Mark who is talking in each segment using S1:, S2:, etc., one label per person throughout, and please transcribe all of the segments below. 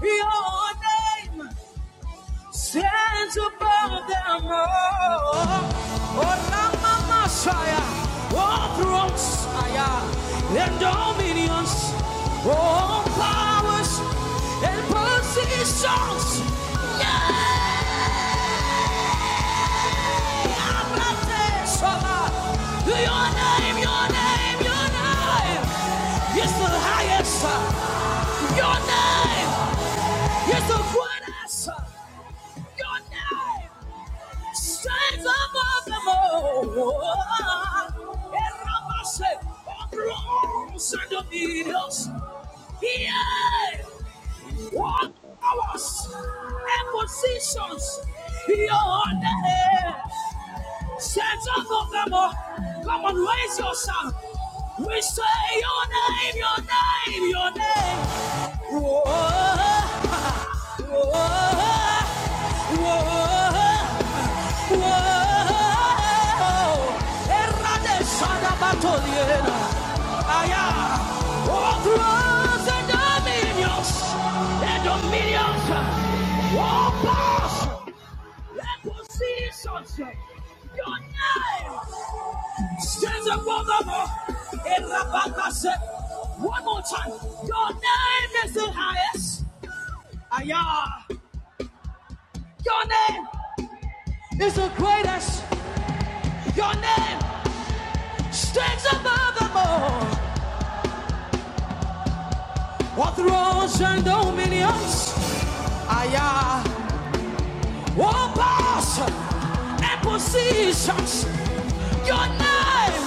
S1: Your name stands above them all. Oh, Rama Messiah, all thrones, and dominions, all powers and positions. and places. Your name, your name, your name is the highest. Your name is the greatest. Your name. Strength above them all. Erabase, Ogros and Dominions. Yeah,
S2: Thank
S1: what powers and positions your name. Set above them all. Come on, raise your sound. We say your name, your name, your name. Whoa, whoa, whoa. Whoa, errade sada batoliera. Aya, overthrows and dominions, and dominions, all powers, and positions. Your name stands above them all. Erabaka said, one more time, your name is the highest. Aya, your name is the greatest. Your name stands above them all. What thrones and dominions, aye, all powers and positions, your name,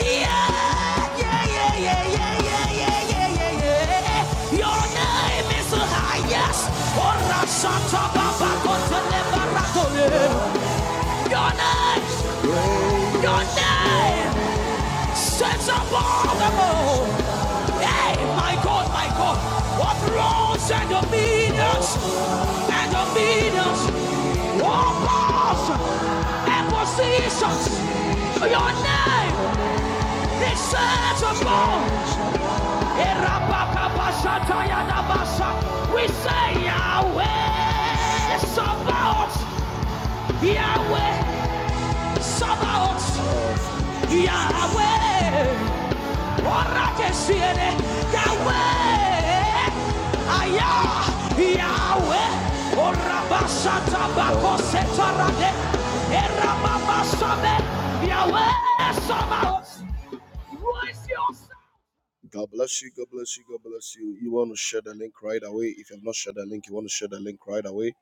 S1: yeah, yeah, yeah, yeah, yeah, yeah, yeah, yeah, yeah, yeah. Your name is the highest. Ora santa baba kotele baratole. Your name, your name. sets above them all. Hey, my God, my God, what roles and dominions and dominions, what powers and positions, your name is set above. We say Yahweh Sabaoth, Yahweh Sabaoth, Yahweh. Orakesiene, Yahweh, Aya, Yahweh, God bless you. God bless you. God bless you. You want to share the link right away. If you have not shared the link, you want to share the link right away.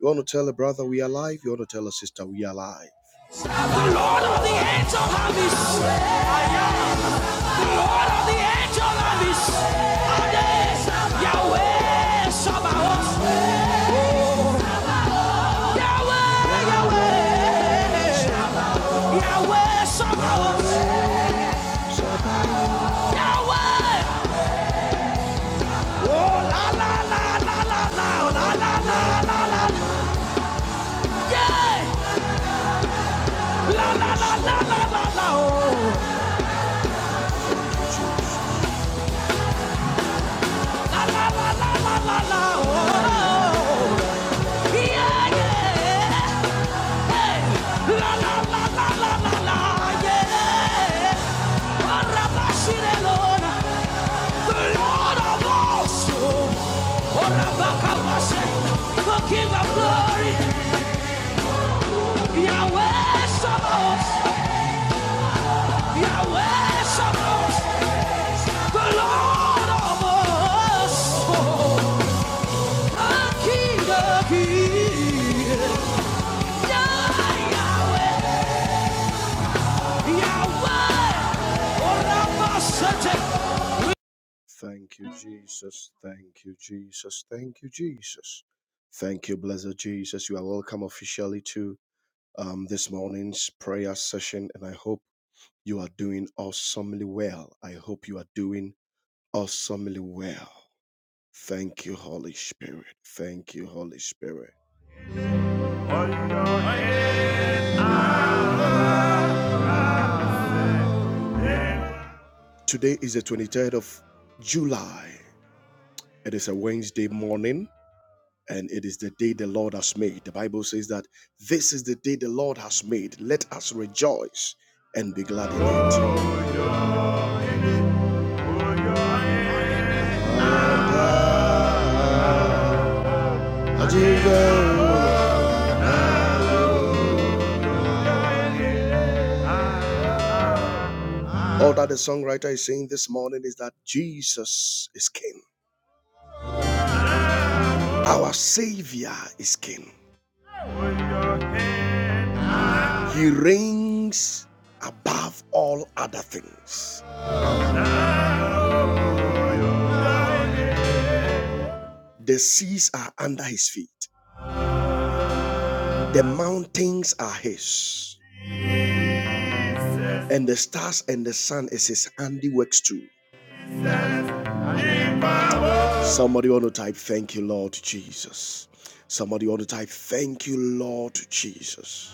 S1: You want to tell a brother we are alive. You want to tell a sister we are alive. The Lord of the angel armies. I am The Lord of the angel armies. Ade, Yahweh Sabaoth. Yahweh, Yahweh. Yahweh Sabaoth. Yahweh. King of glory, Yahweh Sabaoth. Thank you, Jesus. Thank you, Jesus. Thank you, Jesus. Thank you, blessed Jesus. You are welcome officially to um, this morning's prayer session, and I hope you are doing awesomely well. I hope you are doing awesomely well. Thank you, Holy Spirit. Thank you, Holy Spirit. Today is the 23rd of July. It is a Wednesday morning, and it is the day the Lord has made. The Bible says that this is the day the Lord has made. Let us rejoice and be glad in it. All that the songwriter is saying this morning is that Jesus is King. Our Savior is King. He reigns above all other things. The seas are under his feet. The mountains are his. And the stars and the sun is his handiworks too. Somebody want to type, Thank you, Lord Jesus. Somebody want to type, Thank you, Lord Jesus.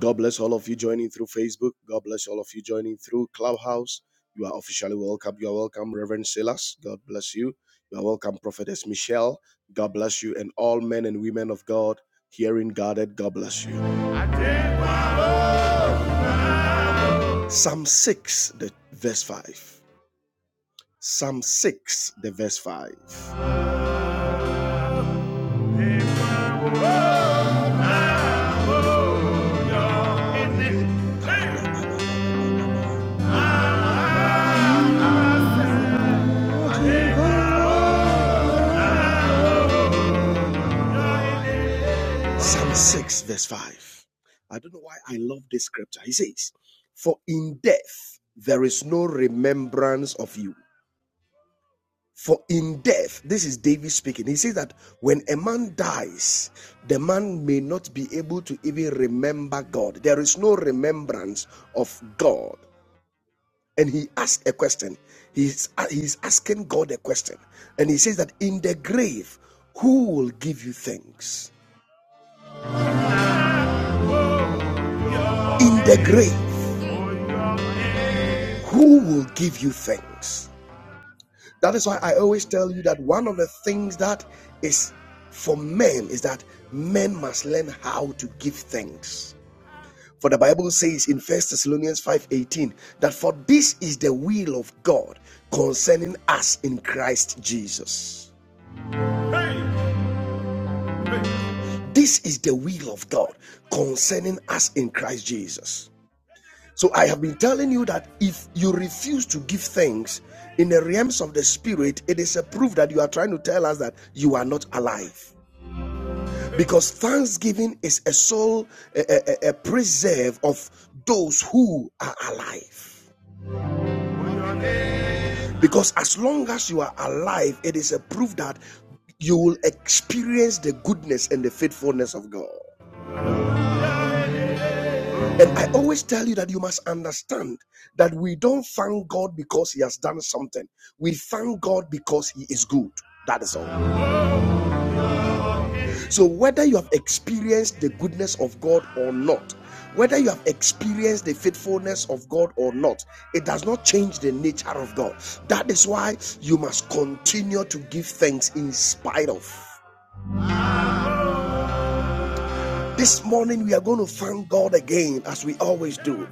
S1: God bless all of you joining through Facebook. God bless all of you joining through Clubhouse. You are officially welcome. You are welcome, Reverend Silas. God bless you. You are welcome, Prophetess Michelle. God bless you. And all men and women of God, hearing guarded, God bless you. Psalm 6, the verse 5. Psalm 6, the verse 5. Psalm 6, verse 5. I don't know why I love this scripture. He says, For in death there is no remembrance of you. For in death, this is David speaking. He says that when a man dies, the man may not be able to even remember God. There is no remembrance of God. And he asked a question. He's, uh, he's asking God a question. And he says that in the grave, who will give you thanks? In the grave, who will give you thanks? That is why I always tell you that one of the things that is for men is that men must learn how to give thanks For the Bible says in First Thessalonians 5:18 that for this is the will of God concerning us in Christ Jesus. Hey! This is the will of God concerning us in Christ Jesus. So I have been telling you that if you refuse to give thanks in the realms of the spirit, it is a proof that you are trying to tell us that you are not alive. Because thanksgiving is a soul, a, a a preserve of those who are alive. Because as long as you are alive, it is a proof that you will experience the goodness and the faithfulness of God. And I always tell you that you must understand that we don't thank God because He has done something. We thank God because He is good. That is all. So, whether you have experienced the goodness of God or not, whether you have experienced the faithfulness of God or not, it does not change the nature of God. That is why you must continue to give thanks in spite of. This morning, we are going to thank God again, as we always do.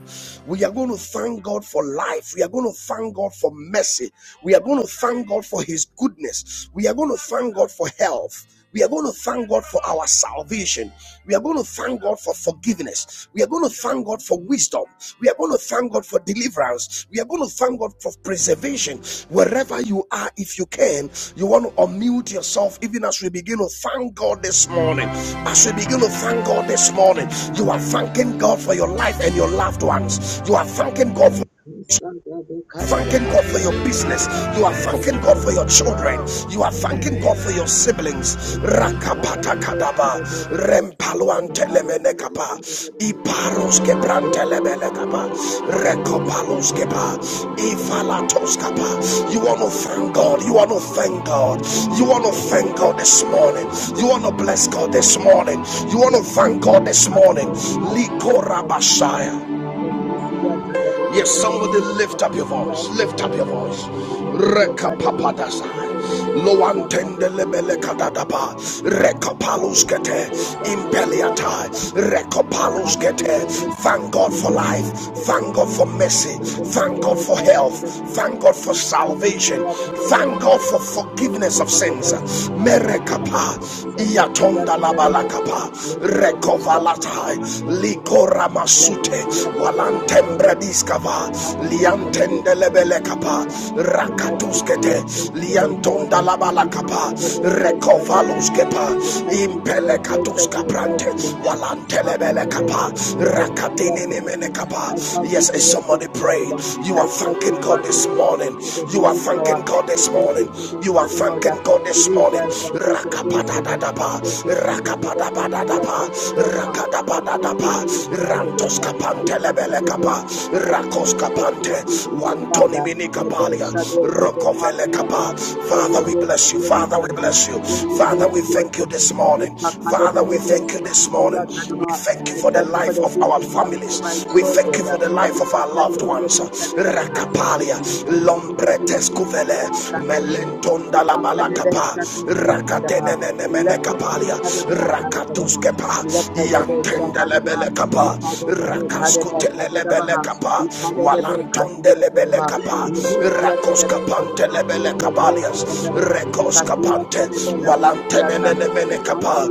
S1: We are going to thank God for life. We are going to thank God for mercy. We are going to thank God for His goodness. We are going to thank God for health. We are going to thank God for our salvation. We are going to thank God for forgiveness. We are going to thank thank God for wisdom. We are going to thank God for deliverance. We are going to thank God for preservation. Wherever you are, if you can, you want to unmute yourself even as we begin to thank God this morning. As we begin to thank God this morning, you are thanking God for your life and your loved ones. You are thanking God thanking God for your business. You are thanking God for your children. You are thanking God for your siblings. Rakapata kadaba rempalwantele kapa
S2: you.
S1: iparos kebrantele kapa rekopalos kepa ifalatos kapa. You want to thank God. You want to thank God. You want to thank God this morning. You want to bless God this morning. You want
S2: Thank
S1: to thank God this morning. Likorabashaya. Yes, somebody lift up your voice. Lift up your voice. Reka papadasa. Loantende lebele kadadaba. Reka palus gete. Impeliata. Reka palus gete. Thank God for life. Thank God for mercy. Thank God for health.
S2: you.
S1: Thank God for
S2: Thank
S1: salvation. Thank God for forgiveness of sins. Merekapa. Iatonda labalakapa. Rekovalatai. Likora masute walantembre diskava liantende lebele kapa
S2: you for
S1: rakatuskete
S2: your faithfulness, Lord.
S1: liantonda labala
S2: We thank
S1: kapa
S2: you for the best of the government.
S1: rekovaluskepa
S2: I thank you for
S1: impele
S2: your grace and
S1: katuska
S2: your
S1: prante
S2: mercy. We thank you
S1: walantelebele
S2: for the best
S1: kapa
S2: of the
S1: rakatini nimene
S2: government.
S1: kapa
S2: I thank you
S1: yes
S2: for
S1: is
S2: your
S1: somebody
S2: protection.
S1: praying you
S2: I
S1: are
S2: thank
S1: thanking
S2: you,
S1: God
S2: Father
S1: this
S2: Lord,
S1: morning
S2: for the
S1: you are
S2: healing power.
S1: thanking God
S2: I
S1: this
S2: thank you
S1: morning
S2: for the
S1: you are
S2: Father Lord
S1: thanking
S2: that
S1: God this morning
S2: deliverance and preservation.
S1: rakapadadadapa
S2: the purpose of the Bible, yet
S1: rakapadabadadapa
S2: not to the mouth. I thank you for your
S1: rakadabadadapa
S2: faithfulness.
S1: Rantos
S2: that if
S1: Capante
S2: I could
S1: Lebele
S2: have been
S1: Capa,
S2: so kind of you.
S1: Rakos Capante,
S2: thank you, Abba
S1: Wantoni
S2: Father,
S1: Mini
S2: the best
S1: Capalia,
S2: shadow of the house,
S1: Rocovele
S2: yet
S1: Capa.
S2: not that
S1: Father,
S2: your
S1: we
S2: day to
S1: bless
S2: be
S1: you. Father, we
S2: glorified.
S1: bless you.
S2: That your
S1: Father,
S2: day to
S1: we
S2: be
S1: thank you
S2: worshipped.
S1: this
S2: If
S1: morning.
S2: I could have been
S1: Father, we
S2: the best
S1: thank you
S2: shadow,
S1: this morning.
S2: yet not the
S1: We
S2: mouth.
S1: thank you
S2: I
S1: for the
S2: thank you for
S1: life
S2: the
S1: of
S2: gift
S1: our
S2: of life for my
S1: families. We thank you for
S2: children.
S1: the life of
S2: Kasiya
S1: our loved ones. Rakapalia, Lombretes Cuvele, Melentonda la Malacapa, Rakatenene Mene Capalia, Rakatus Kepa, Yant. Walantendelebele kapa, rakaskutelelebele kapa, walantondelebele kapa, rakoskapantelebele kabalias, rekoskapante, walantenenemene kapa,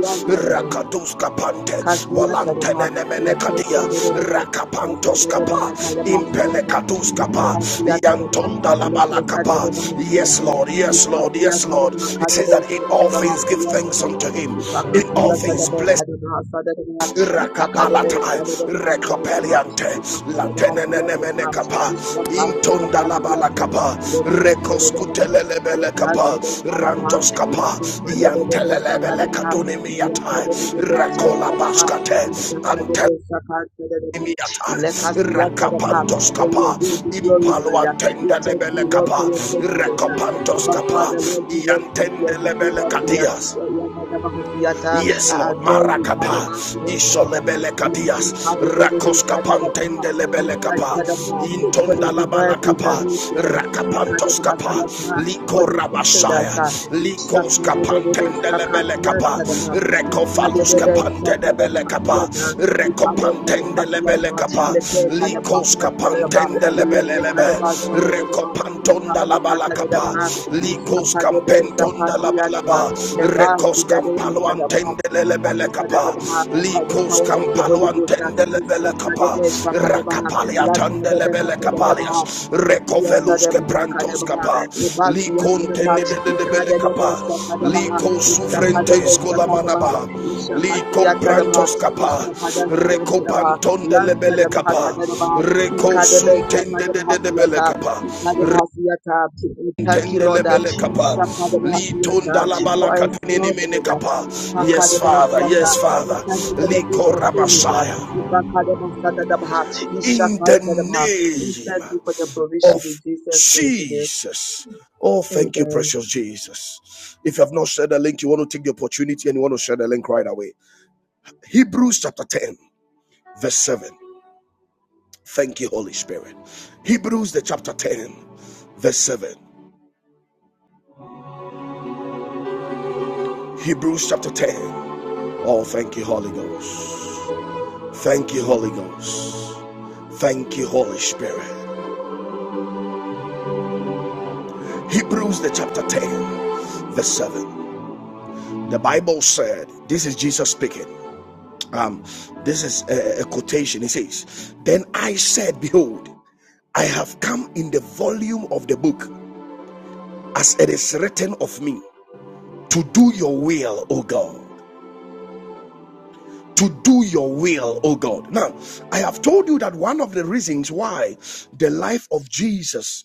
S1: rakatuskapante,
S2: Kasiyatadaba,
S1: walantenenemene kadia,
S2: Lepesadadadana, Kasadadabana
S1: rakapantoskapa,
S2: Kayabasiyata,
S1: impelekatuskapa,
S2: Ikakasiyatadana,
S1: yantondalabala kapa. yantonda labala kapa. Yes,
S2: Lepesadadabanasiyata,
S1: Lord, yes, Lord, yes, Lord.
S2: Ikasiyatadabana
S1: He says that in all things give thanks
S2: Kadebesadadabanasiyatadaba,
S1: unto him, in all things bless
S2: Ipakasiyatadabekadabasadadaba,
S1: Rakapalata,
S2: Ipakadebesadadabanasiyatadaba,
S1: Rekopeliante, Latenene
S2: Ipakadabasiyatadaba,
S1: Kapa, Intonda Labala
S2: Isakasadabanasiyata,
S1: Kapa,
S2: Lekasadadabana,
S1: Rekoskutelebele Kapa,
S2: Lekasadadabanaba,
S1: Rantos Kapa, Yantelebele
S2: Isakadebedebesakadabaha.
S1: Kadunimiata, Rakola
S2: Iyakadebedebesakadabaha.
S1: Baskate, Antel.
S2: Isakadebesakadabaha.
S1: Imiata,
S2: Ilekasiyakadabaha.
S1: Rakapantos
S2: May your
S1: Kappa,
S2: will be glorified. We
S1: Impaluantende
S2: thank you,
S1: Lebele
S2: Lord, for
S1: Kappa,
S2: your faithfulness.
S1: rakapantos
S2: Abba
S1: Kappa,
S2: Father, Lord, we worship
S1: Iantende
S2: your
S1: Lebele
S2: supremacy.
S1: Kadias.
S2: Iyakadabahasiyata.
S1: Yes,
S2: I
S1: Lord.
S2: adore you.
S1: Marakapa.
S2: Kadebasiyakadabaha.
S1: Isolebele kadias. Rakoska
S2: Isakadebedebesakadabaha.
S1: pantende lebele kapa.
S2: Ikadadabaha. For the
S1: Intonda la
S2: divine
S1: balakapa.
S2: preservation.
S1: Rakapantos kapa.
S2: Ikadabahasiyata. For
S1: Liko
S2: the sake of
S1: rabashaya.
S2: by the
S1: Likos kapantende lebele kapa. rekofaluska kapante lebele kapa. Rekopantende lebele kapa. Likos kapantende lebele lebe. Rekopantonda la balakapa. Likos pendonda la balaba recos campalo antende le lebele capa licos
S2: power of the
S1: campalo
S2: Holy Ghost,
S1: antende le bele capa racapale atende le bele capalias
S2: Lord,
S1: recovelus que prantos capa liconte
S2: Christian,
S1: ne de de
S2: Thank
S1: de
S2: you,
S1: bele capa lico sufrentes con la manaba lico prantos capa recopanton de le bele capa recosuntende de de de bele capa
S2: Lord, that for ourselves, that
S1: Yes, Father. Yes,
S2: we
S1: Father.
S2: thank you for the gift of healing, that we thank
S1: In the name
S2: you for the provision in
S1: of
S2: Jesus' name today.
S1: Jesus. Oh, thank you,
S2: Amen.
S1: precious Jesus. If you have not shared the link, you want to take the opportunity and you want to share the link right away. Hebrews chapter 10, verse 7. Thank you, Holy Spirit. Hebrews the chapter 10, verse 7. Hebrews chapter 10. Oh, thank you, Holy Ghost. Thank you, Holy Ghost. Thank you, Holy Spirit. Hebrews the chapter verse 7. The Bible said, this is Jesus speaking. Um, this is a, a quotation. It says, Then I said, Behold, I have come in the volume of the book, as it is written of me, to do your will, O God. To do your will, O God. Now, I have told you that one of the reasons why the life of Jesus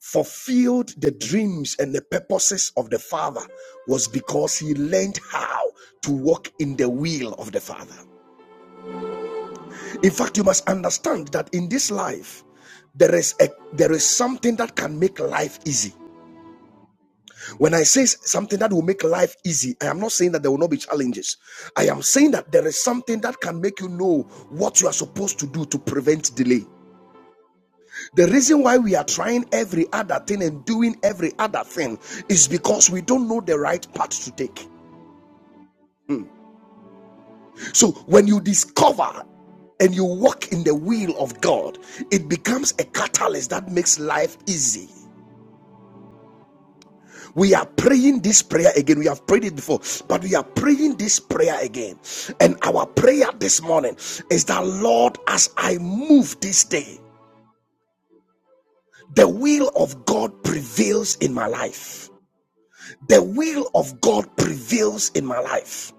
S1: fulfilled the dreams and the purposes of the Father was because he learned how to walk in the will of the Father. In fact, you must understand that in this life, there is a there is something that can make life easy. When I say something that will make life easy, I am not saying that there will not be challenges. I am saying that there is something that can make you know what you are supposed to do to prevent delay. The reason why we are trying every other thing and doing every other thing is because we don't know the right path to take. So when you discover and you walk in the will of God, it becomes a catalyst that makes life easy. We are praying this prayer again. We have prayed it before, but we are praying this prayer again. And our prayer this morning is that, Lord, as I move this day, the will of God prevails in my life. The will of God prevails in my life.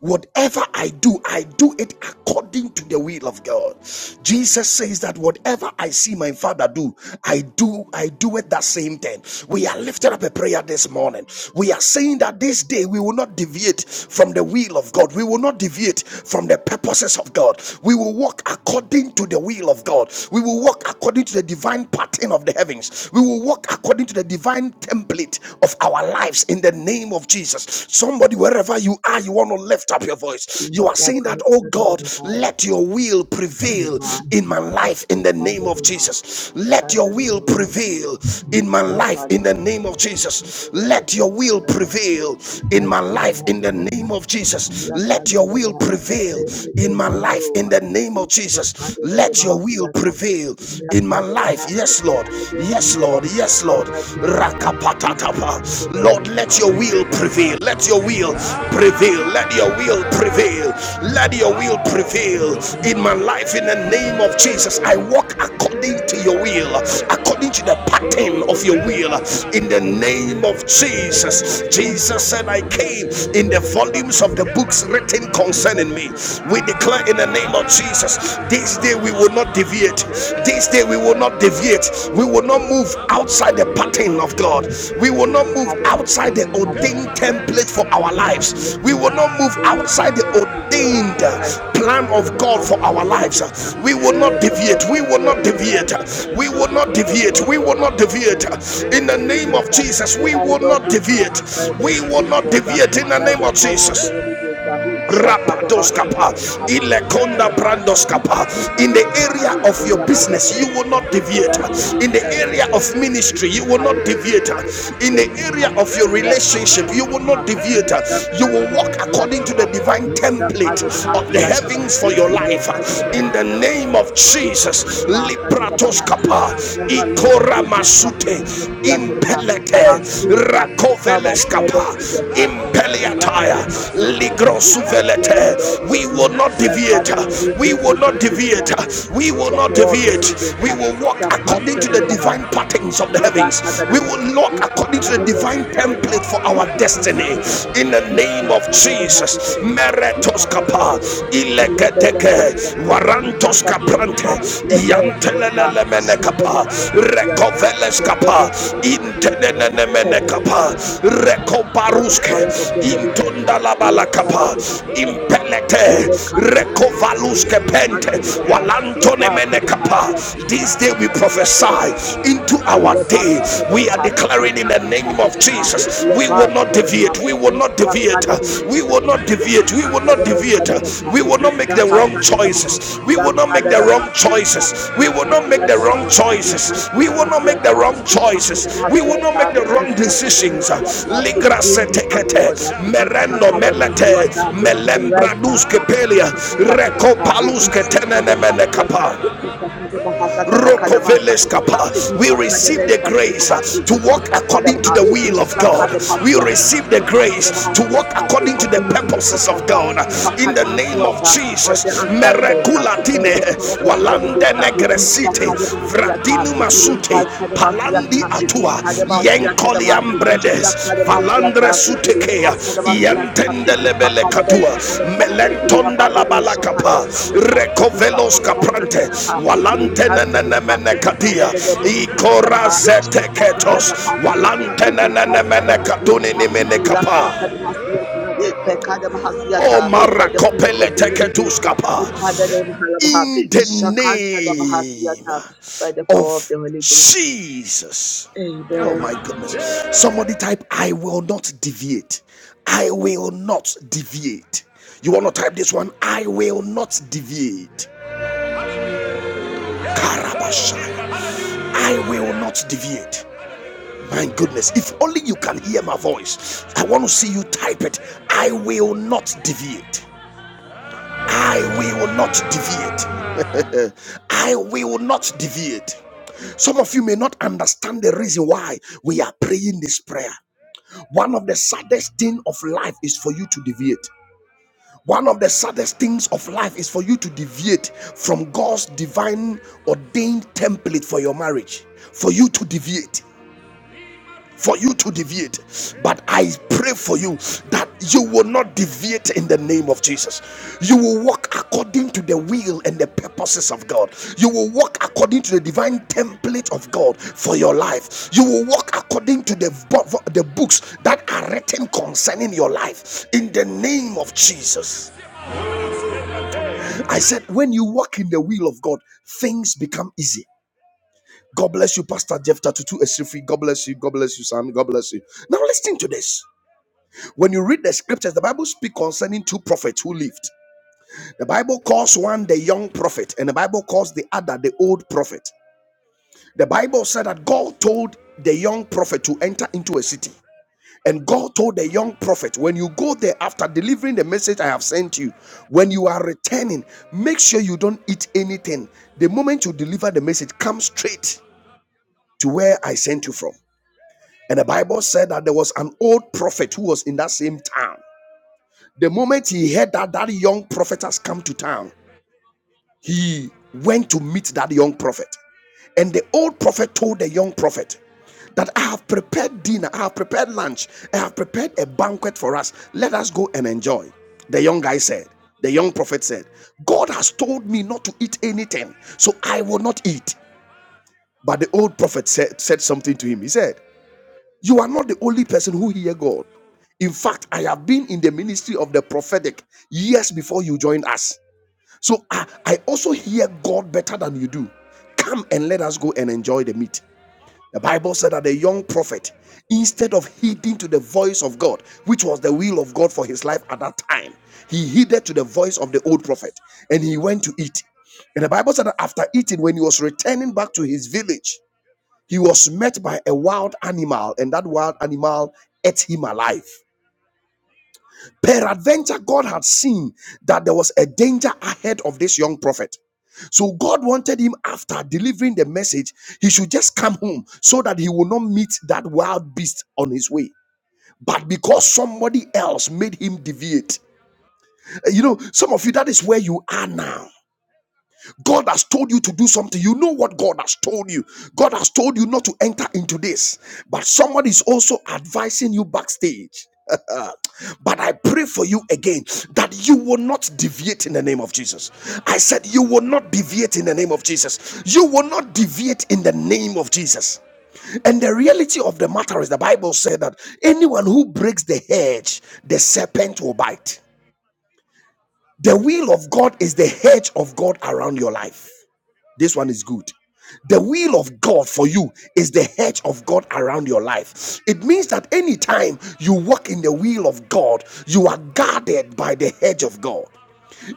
S1: Whatever I do, I do it according to the will of God. Jesus says that whatever I see my Father do, I do, I do it that same thing. We are lifting up a prayer this morning. We are saying that this day we will not deviate from the will of God. We will not deviate from the purposes of God. We will walk according to the will of God. We will walk according to the divine pattern of the heavens. We will walk according to the divine template of our our lives in the name of Jesus. Somebody, wherever you are, you want to lift up your voice.
S2: Thank
S1: You are saying that, oh God, let your will prevail in my life in the name of Jesus. Let your will prevail in my life in the name of Jesus. Let your will prevail in my life in the name of Jesus. Let your will prevail in my life in the name of Jesus. Let your will prevail in my
S2: you.
S1: life. Yes, Lord. Yes,
S2: I
S1: Lord.
S2: give
S1: Yes,
S2: you
S1: Lord.
S2: all.
S1: Yes,
S2: For
S1: Lord.
S2: my people, sir, this is my
S1: Rakapatatapa.
S2: beloved
S1: Lord,
S2: and this
S1: let
S2: is
S1: your
S2: what
S1: will
S2: you
S1: prevail. Let your will prevail. Let your will prevail. Let your will prevail in my life in the name of Jesus. I walk according to your will, according to the pattern of your will in the name of Jesus. Jesus said, I came in the volumes of the
S2: Thank you.
S1: books
S2: By
S1: written
S2: the
S1: concerning me. We declare in the name of Jesus. Jesus. This day we will not deviate. This day we will not deviate. We will not move outside the pattern of God. We will not move outside the ordained template for our lives. We will not move outside the ordained plan of God for our lives. We will not deviate. We will not deviate. We will not deviate. We will not deviate.
S2: power
S1: In
S2: of the
S1: the
S2: Holy
S1: name
S2: Ghost,
S1: of
S2: that
S1: Jesus,
S2: the
S1: we
S2: eyes
S1: will
S2: of
S1: not
S2: this are
S1: deviate.
S2: aspired
S1: We
S2: to
S1: will
S2: this
S1: not
S2: world,
S1: deviate in the
S2: by
S1: name
S2: the
S1: of
S2: power of
S1: Jesus.
S2: the Holy Ghost. uh, Shakadaba,
S1: Rapadoskapa,
S2: Sakadaba, Halababa,
S1: Ilekonda
S2: Sakadaba. We
S1: Brandoskapa.
S2: can
S1: In the
S2: Sakadaba,
S1: area of
S2: we
S1: your
S2: are by the
S1: business,
S2: power
S1: you
S2: of the
S1: will
S2: Holy
S1: not
S2: Ghost. We
S1: deviate.
S2: are the
S1: In
S2: beast
S1: the
S2: by the
S1: area
S2: power
S1: of
S2: of the Holy Ghost. We
S1: ministry, you
S2: can
S1: will not
S2: Sakadaba,
S1: deviate. In
S2: Sakadaba,
S1: the
S2: Sakadaba.
S1: area of your
S2: We are
S1: relationship, you
S2: Sakadaba,
S1: will not
S2: we
S1: deviate. You will
S2: Sakadaba,
S1: walk according to
S2: Sakadaba.
S1: the divine
S2: We
S1: template
S2: Sakadaba,
S1: of the
S2: Sakadaba.
S1: heavens for your
S2: We
S1: life.
S2: are Sakadaba,
S1: In the name of
S2: Sakadaba. We talk about
S1: Jesus,
S2: the that they never have.
S1: Libratoskapa,
S2: However, Lord, we
S1: Ikora
S2: talk about
S1: Masute,
S2: that they never have. I
S1: impelete
S2: have this that some are servants
S1: rakoveleskapa
S2: in their past. that We have heard
S1: impeliataya
S2: about the Lord. they never have. I pray, Lord,
S1: ligrosuvelete we
S2: Almighty,
S1: will not
S2: that
S1: deviate
S2: Father, Lord, we
S1: we
S2: bring
S1: will
S2: you
S1: not
S2: back to
S1: deviate
S2: track that
S1: we will
S2: the
S1: not
S2: power of the
S1: deviate
S2: religious
S1: we
S2: that
S1: will walk
S2: shall come
S1: according
S2: to
S1: to the
S2: the Lord.
S1: divine patterns of the
S2: By the
S1: heavens we will walk according to the divine template for our destiny in the name of Jesus meretos kapa ilegete Teke, Warantos Caprante, Yantelemenecapa, Recoveles Capa, Intenenemenecapa, Recobaruske,
S2: power of the Holy Ghost, uh,
S1: Intonda la
S2: Lord, Father,
S1: Balacapa,
S2: the Holy Spirit, uh, we
S1: Impelete,
S2: look out in the heart. We
S1: Recovaluske
S2: seek
S1: Pente,
S2: Bring the
S1: Walantone Menecapa. This day we prophesy into our day. We are declaring in the name of Jesus. Jesus. We will not deviate. We will not deviate. We will not deviate. We will not deviate. We will not make the wrong choices. We will not make the wrong choices. We will not make the wrong choices. We will not make the wrong choices. We will not make the wrong decisions. Ligra
S2: Father
S1: setekete
S2: Lord up.
S1: merendo melete
S2: Sakadamasuata, to the right
S1: melembra duske
S2: side,
S1: pelia
S2: Ipakasakadamha,
S1: rekopalus ketenene
S2: Ipakadamhasiata,
S1: menekapa.
S2: Ipakadamhasata, the Kadamasakadamha,
S1: Rokoveleskapa. We receive the
S2: Ipakadamasakadamha,
S1: grace uh, to walk according to
S2: Ipasakadamha,
S1: the will of God. We
S2: Ipakadamhasiata, hasiata.
S1: receive the
S2: if
S1: grace
S2: Pakada
S1: to walk
S2: Hasiata,
S1: according to the
S2: ability to
S1: purposes of
S2: focus, uh,
S1: God. In the name of
S2: Ipakadamasuata, all the
S1: Jesus.
S2: assignments, uh, all
S1: Merekulatine
S2: the power of the Holy
S1: Walande
S2: Ghost,
S1: Negresite
S2: Ishakadamhasiata,
S1: Vradinu
S2: hasiata. if
S1: Masute
S2: Pakada Hasiata,
S1: Palandi
S2: by the
S1: Atua
S2: power of the Holy Ghost,
S1: Yenkoliam bredes,
S2: by the power
S1: Valandre sutekea, Yentendelebele katua, Melentonda la balakapa, Recovelos caprante, Walante nenemene katia, Ikora zeteketos, Walante nenemene katuni nimene kapa. O marakopele teketus kapa, in the name
S2: of
S1: of
S2: the Holy Ghost.
S1: Jesus. Oh
S2: Amen.
S1: my goodness. Somebody type, I will not deviate. I will not deviate. You want to type this one? I will not deviate. Karabashaya. I will not deviate. My goodness, if only you can hear my voice. I want to see you type it. I will not deviate. I will not deviate. I will not deviate. Some of you may not understand the reason why we are praying this prayer. One of the saddest things of life is for you to deviate. One of the saddest things of life is for you to deviate from God's divine ordained template for your marriage. For you to deviate for you to deviate. But I pray for you that you will not deviate in the name of Jesus. You will walk according to the will and the purposes of God. You will walk according to the divine template of God for your life. You will walk according to the, the books that are written concerning your life in the name of Jesus. I said, when you walk in the will of God, things become easy. God bless you, Pastor Jeff Tatutu Esrifri. God bless you. God bless you, Sam. God bless you. Now listen to this. When you read the scriptures, the Bible speaks concerning two prophets who lived. The Bible calls one the young prophet, and the Bible calls the other the old prophet. The Bible said that God told the young prophet to enter into a city. And God told the young prophet, when you go there after delivering the message I have sent you, when you are returning, make sure you don't eat anything. The moment you deliver the message, come straight to where I sent you from. And the Bible said that there was an old prophet who was in that same town. The moment he heard that that young prophet has come to town, he went to meet that young prophet. And the old prophet told the young prophet that I have prepared dinner, I have prepared lunch, I have prepared a banquet for us. Let us go and enjoy. The young guy said, The young prophet said, God has told me not to eat anything, so I will not eat. But the old prophet said, said something to him. He said, you are not the only person who hear God. In fact, I have been in the ministry of the prophetic years before you joined us. So I, I also hear God better than you do. Come and let us go and enjoy the meat. The Bible said that the young prophet, instead of heeding to the voice of God, which was the will of God for his life at that time, he heeded to the voice of the old prophet and he went to eat. And the Bible said that after eating, when he was returning back to his village, he was met by a wild animal, and that wild animal ate him alive. Peradventure, God had seen that there was a danger ahead of this young prophet. So God wanted him after delivering the message, he should just come home so that he will not meet that wild beast on his way. But because somebody else made him deviate, you know, some of you, that is where you are now. God has told you to do something. You know what God has told you. God has told you not to enter into this, but somebody is also advising you backstage. but I pray for you again that you will not deviate in the name of Jesus. I said, You will not deviate in the name of Jesus. You will not deviate in the name of Jesus. And the reality of the matter is, the Bible said that anyone who breaks the hedge, the serpent will bite. The will of God is the hedge of God around your life. This one is good. The will of God for you is the hedge of God around your life. It means that anytime you walk in the will of God, you are guarded by the hedge of God.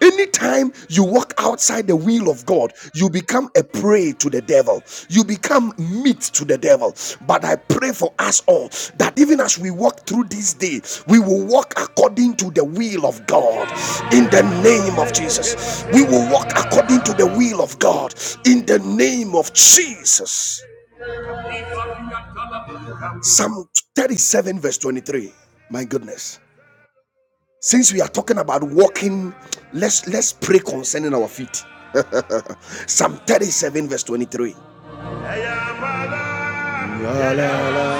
S1: Anytime you walk outside the will of God, you become a prey to the devil. You become meat to the devil. But I pray for us all that even as we walk through this day, we will walk according to the will of God. In the name of Jesus, we will walk according to the will of God. In the name of Jesus. Psalm 37, verse 23. My goodness. Since we are talking about walking, let's let's pray concerning our feet. Psalm 37, verse 23. La, la, la.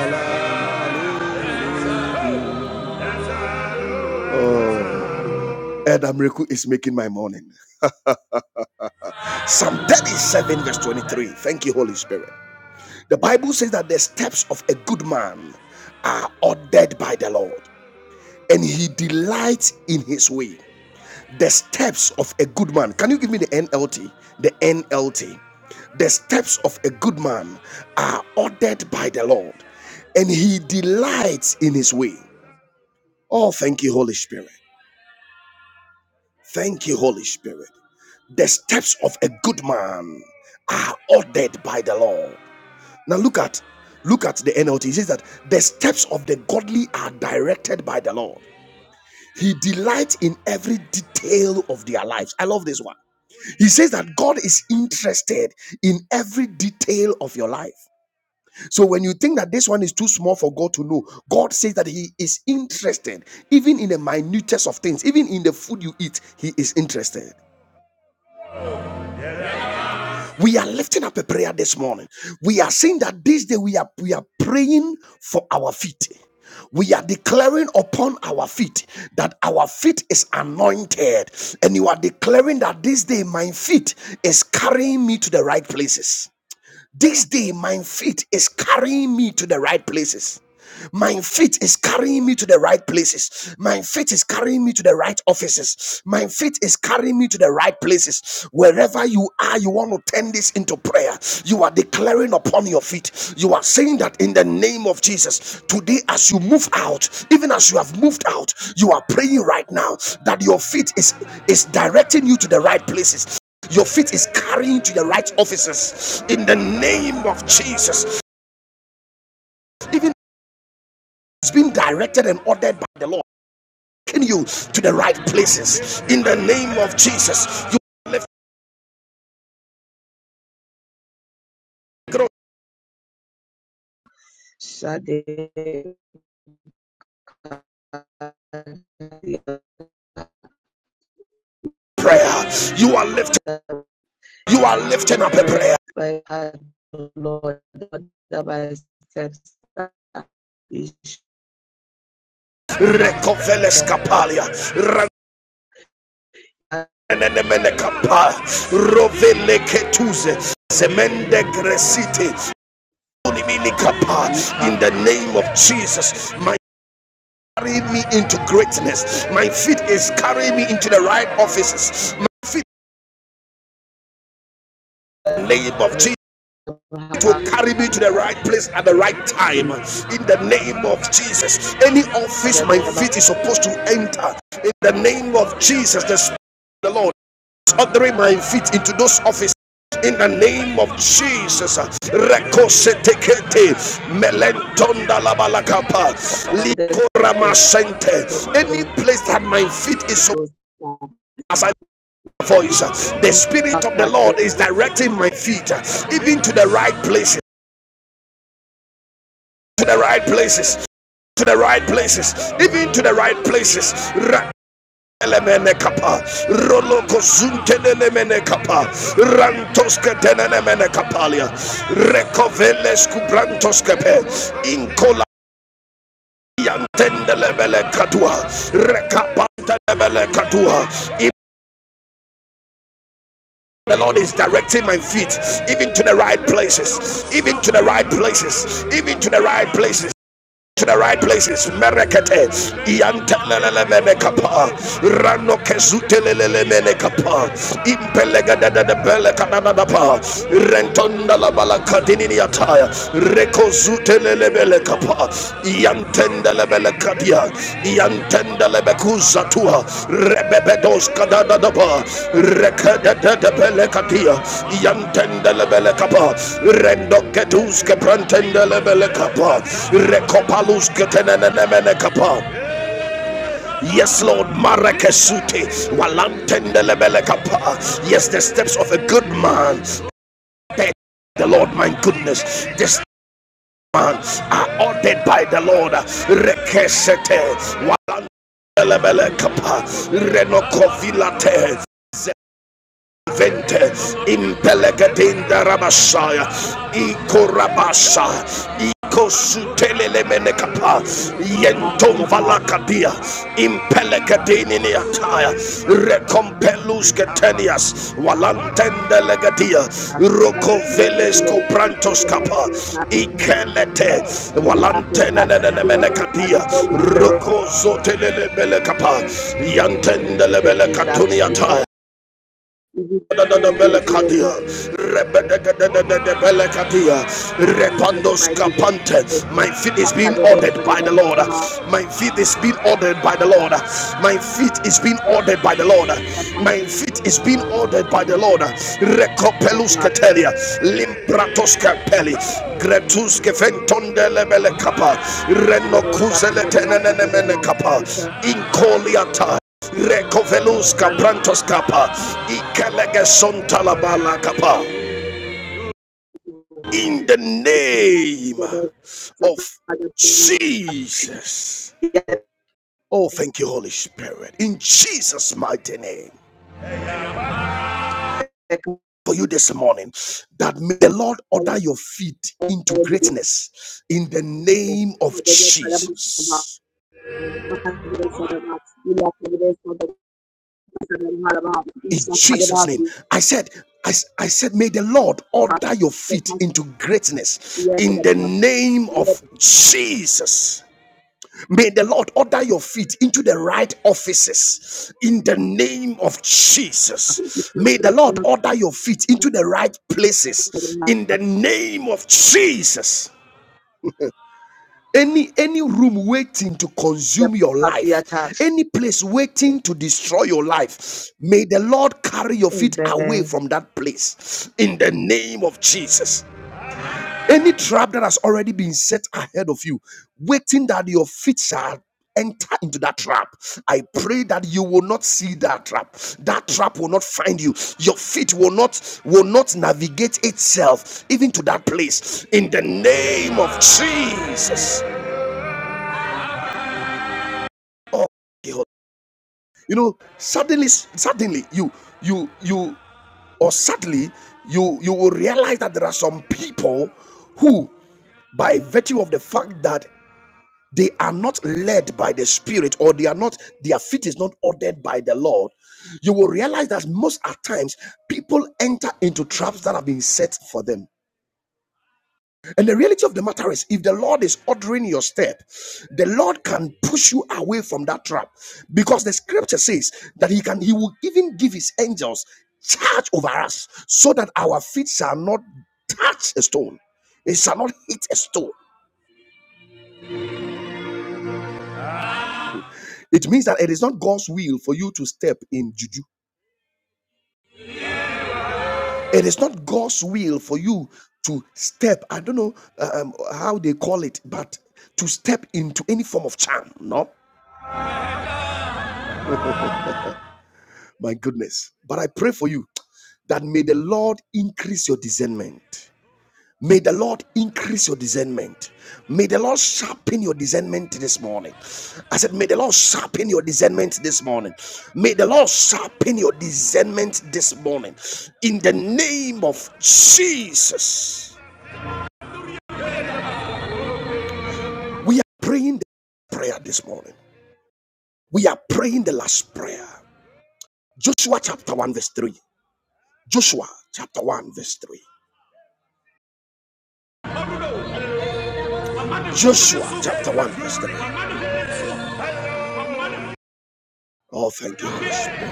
S1: Elder is making my morning. Psalm 37, verse 23. Thank you, Holy Spirit. The Bible says that the steps of a good man are ordered by the Lord, and he delights in his way. The steps of a good man. Can you give me the NLT? The NLT. The steps of a good man are ordered by the Lord, and he delights in his way. Oh, thank you, Holy Spirit. Thank you, Holy Spirit. The steps of a good man are ordered by the Lord. Now look at look at the NLT. It says that the steps of the godly are directed by the Lord. He delights in every detail of their lives. I love this one. He says that God is interested in every detail of your life. So when you think that this one is too small for God to know, God says that He is interested, even in the minutest of things, even in the food you eat, He is interested. We are lifting up a prayer this morning. We are saying that this day we are we are praying for our feet. We are declaring upon our feet that our feet is anointed, and you are declaring that this day my feet is carrying me to the right places. This day, my feet is carrying me to the right places. My feet is carrying me to the right places. My feet is carrying me to the right offices. My feet is carrying me to the right places. Wherever you are, you want to turn this into prayer. You are declaring upon your feet. You are saying that in the name of Jesus, today as you move out, even as you have moved out, you are praying right now that your feet is is directing you to the right places your faith is carrying to the right offices in the name of Jesus. Even it's been directed and ordered by the Lord, taking you to the right places in the name of Jesus. You are lifting up a
S2: Shade
S1: prayer. You are lifting. You are lifting up a
S2: direct
S1: prayer.
S2: by her Lord the by steps is has
S1: Recoveles
S2: the
S1: capalia. Ranene capa. Rovele ketuze. Zemende gresite.
S2: we pack
S1: In the name of Jesus, my carrying me into greatness. My feet is carrying me into the right offices. My feet, in
S2: the
S1: the name of
S2: other
S1: Jesus. will carry me to the right place at the right time in the name of Jesus. Any office my feet is supposed to enter in the name of Jesus, the Spirit of the Lord is ordering my feet into those offices. In the name of Jesus, Rekosetekete, Melentonda Labalakapa, Likoramasente. any place that my feet is supposed
S2: goes down.
S1: as I voice. The Spirit of the Lord is directing my feet, even to the right places, to the right places, to the right places, even to the right places. Elemene kapa, rolo kozunte elemene kapa, rantoske tenemene kapalia, rekovele skubrantoske inkola yantende lebele katua, rekapante lebele katua, The Lord is directing my feet even to the right places, even to the right places, even to the right places. To the right places, Merekete, Ianta Lelele Rano Kesute Menekapa, Impelega da da Rentonda la Balakadini Attire, Rekozute Lelele Kapa, Belekadia, Yantenda Lebekuza Tua, Rebebedos Kadadadaba, Rekadada Belekadia, Yantenda Lebelekapa, Rendo Ketus Keprantenda Lebelekapa, Rekopalus Ketenenemenekapa. Yes, Lord, Marakesute, Walantenda Lebelekapa. Yes, the steps of a good man. The Lord, my goodness, the months are ordered by the Lord. Rekeshete, walandelebelekapa, renokovilate, Vente impelegatinda rabashaya ikorabasha ikosutelelemenekapa
S2: We pack the
S1: yentomvalakadia impelegadininiataya recompelusgetenias walantendelegadia kapa, ikelete walantenenenemenekadia rokozotelelebelekapa ataya. Belekadia, Rebelekadia, Repandos Capante. My feet is being ordered by the Lord. My feet is being ordered by the Lord. My feet is being ordered by the Lord. My feet is being ordered by the Lord.
S2: the
S1: Recopelus Catelia, Limpratos Capelli, Gretus Gefentonde Lebele Kappa, Renocuzele Tenenemene Kappa, Incoliata. Recoveluska Brantos Kappa, Ikalegason Talabala Kappa, in the name of Jesus. Oh, thank you, Holy Spirit, in Jesus' mighty name. For you this morning, that may the Lord order your feet into
S2: you.
S1: greatness in the
S2: Amen.
S1: name of Jesus. in Jesus' name. I said, "I I said, may the Lord order your feet into greatness in the name of Jesus. May the Lord order your feet into the right offices in the name of Jesus. May the Lord order your feet into the right places in the name of Jesus any any room waiting to consume your life any place waiting to destroy your life may the lord carry your feet away from that place in the name of jesus any trap that has already been set ahead of you waiting that your feet shall enter into that trap i pray that you will not see that trap that trap will not find you your feet will not will not navigate itself even to that place in the name of jesus Oh, God. you know, suddenly, suddenly you, you, you, or sadly, you, you will realize that there are some people who, by virtue of the fact that they are not led by the Spirit or they are not, their feet is not ordered by the Lord, you will realize that most at times people enter into traps that have been set for them. And the reality of the matter is, if the Lord is ordering your step, the Lord can push you away from that trap, because the Scripture says that He can, He will even give His angels charge over us, so that our feet shall not touch a stone, it shall not hit a stone. It means that it is not God's will for you to step in juju. It is not God's will for you to step. I don't know uh, um, how they call it, but to step into any form of charm. No My goodness. But I pray for you that may the Lord increase your discernment. May the Lord increase your discernment. May the Lord sharpen your discernment this morning. I said, May the Lord sharpen your discernment this morning. May the Lord sharpen your discernment this morning. In the name of Jesus, we are praying the prayer this morning. We are praying the last prayer. Joshua chapter 1, verse 3. Joshua chapter 1, verse 3. Joshua chapter 1, verse 3. Oh, thank you. Holy Spirit.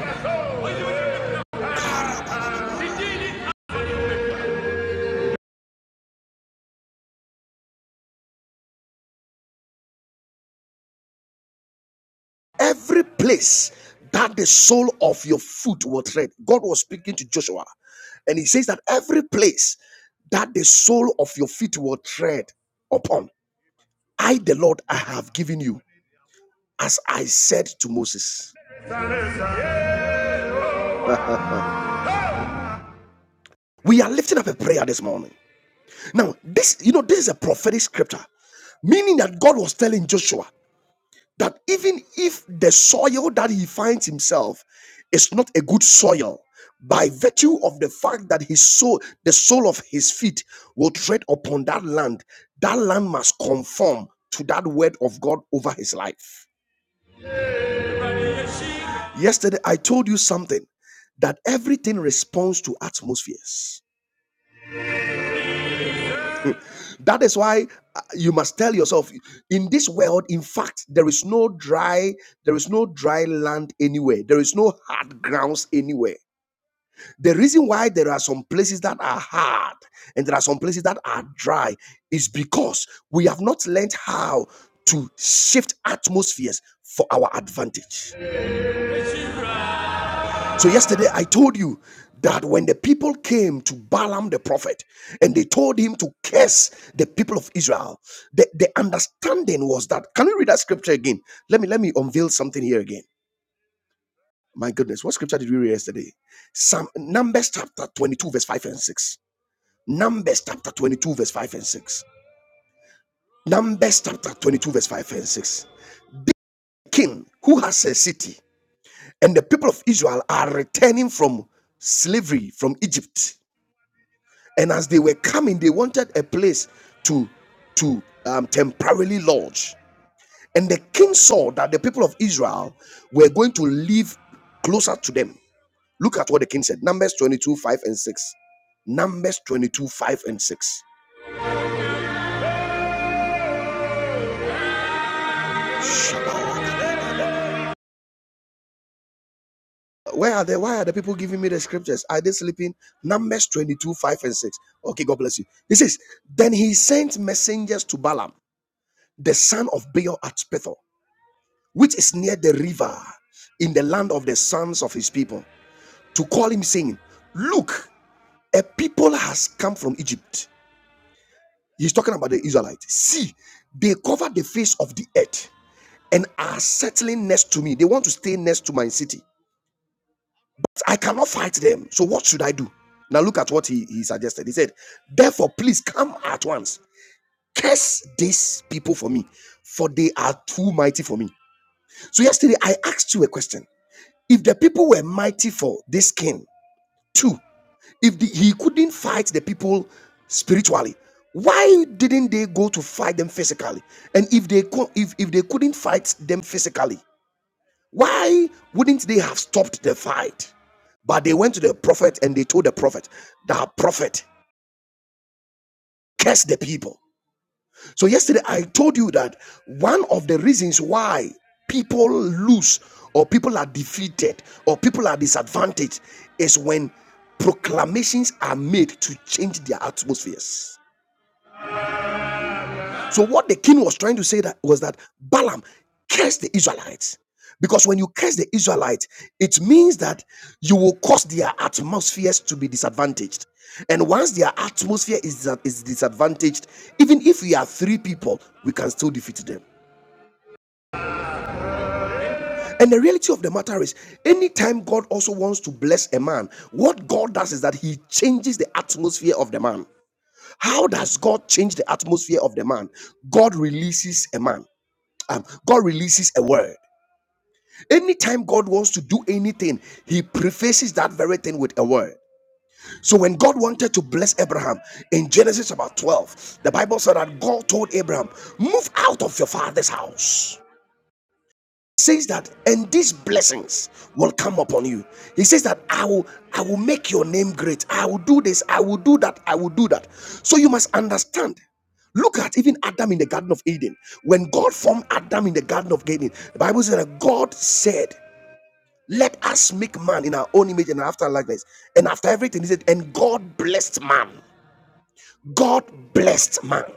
S1: Every place that the sole of your foot will tread, God was speaking to Joshua, and he says that every place that the sole of your feet will tread upon, I, the Lord, I have given you, as I said to Moses. We are lifting up a prayer this morning. Now, this, you know, this is a prophetic scripture, meaning that God was telling Joshua that even if the soil that he finds himself is not a good soil, by virtue of the fact that his soul, the sole of his feet, will tread upon that land, that land must conform to that word of God over his life. Yesterday, I told you something that everything responds to atmospheres. That is why uh, you must tell yourself in this world, in fact, there is no dry, there is no dry land anywhere, there is no hard grounds anywhere. The reason why there are some places that are hard and there are some places that are dry is because we have not learned how to shift atmospheres for our advantage. So, yesterday I told you that when the people came to Balaam the prophet and they told him to curse the people of Israel, the, the understanding was that. Can we read that scripture again? Let me let me unveil something here again. My goodness, what scripture did we read yesterday? Some Numbers chapter 22, verse 5 and 6. Numbers chapter 22, verse 5 and 6. Numbers chapter 22, verse 5 and 6. King who has a city, and the people of Israel are returning from slavery from Egypt. And as they were coming, they wanted a place to, to um, temporarily lodge. And the king saw that the people of Israel were going to live closer to them. Look at what the king said Numbers 22, 5 and 6. Numbers 22, 5 and 6. Shabbat. Where are the why are the people giving me the scriptures? Are they sleeping? Numbers 22, 5 and 6. Okay, God bless you. He says, Then he sent messengers to Balaam, the son of Beor at Pethor, which is near the river in the land of the sons of his people, to call him, saying, Look, a people has come from Egypt. He's talking about the Israelites. See, they cover the face of the earth and are settling next to me. They want to stay next to my city. I cannot fight them. So what should I do? Now look at what he, he suggested. He said, Therefore, please come at once. Curse these people for me, for they are too mighty for me. So yesterday I asked you a question. If the people were mighty for this king, two, if the, he couldn't fight the people spiritually, why didn't they go to fight them physically? And if they co- if, if they couldn't fight them physically, why wouldn't they have stopped the fight? But they went to the prophet and they told the prophet, that prophet, curse the people. So yesterday I told you that one of the reasons why people lose or people are defeated or people are disadvantaged is when proclamations are made to change their atmospheres. So what the king was trying to say that was that Balaam cursed the Israelites. Because when you curse the Israelites, it means that you will cause their atmospheres to be disadvantaged. And once their atmosphere is, is disadvantaged, even if we are three people, we can still defeat them. And the reality of the matter is, anytime God also wants to bless a man, what God does is that he changes the atmosphere of the man. How does God change the atmosphere of the man? God releases a man. um, God releases a word. Anytime God wants to do anything, He prefaces that very thing with a word. So when God wanted to bless Abraham in Genesis about 12, the Bible said that God told Abraham, Move out of your father's house says that and these blessings will come upon you he says that i will i will make your name great i will do this i will do that i will do that so you must understand look at even adam in the garden of eden when god formed adam in the garden of eden the bible says that god said let us make man in our own image and after our likeness and after everything he said and god blessed man god blessed man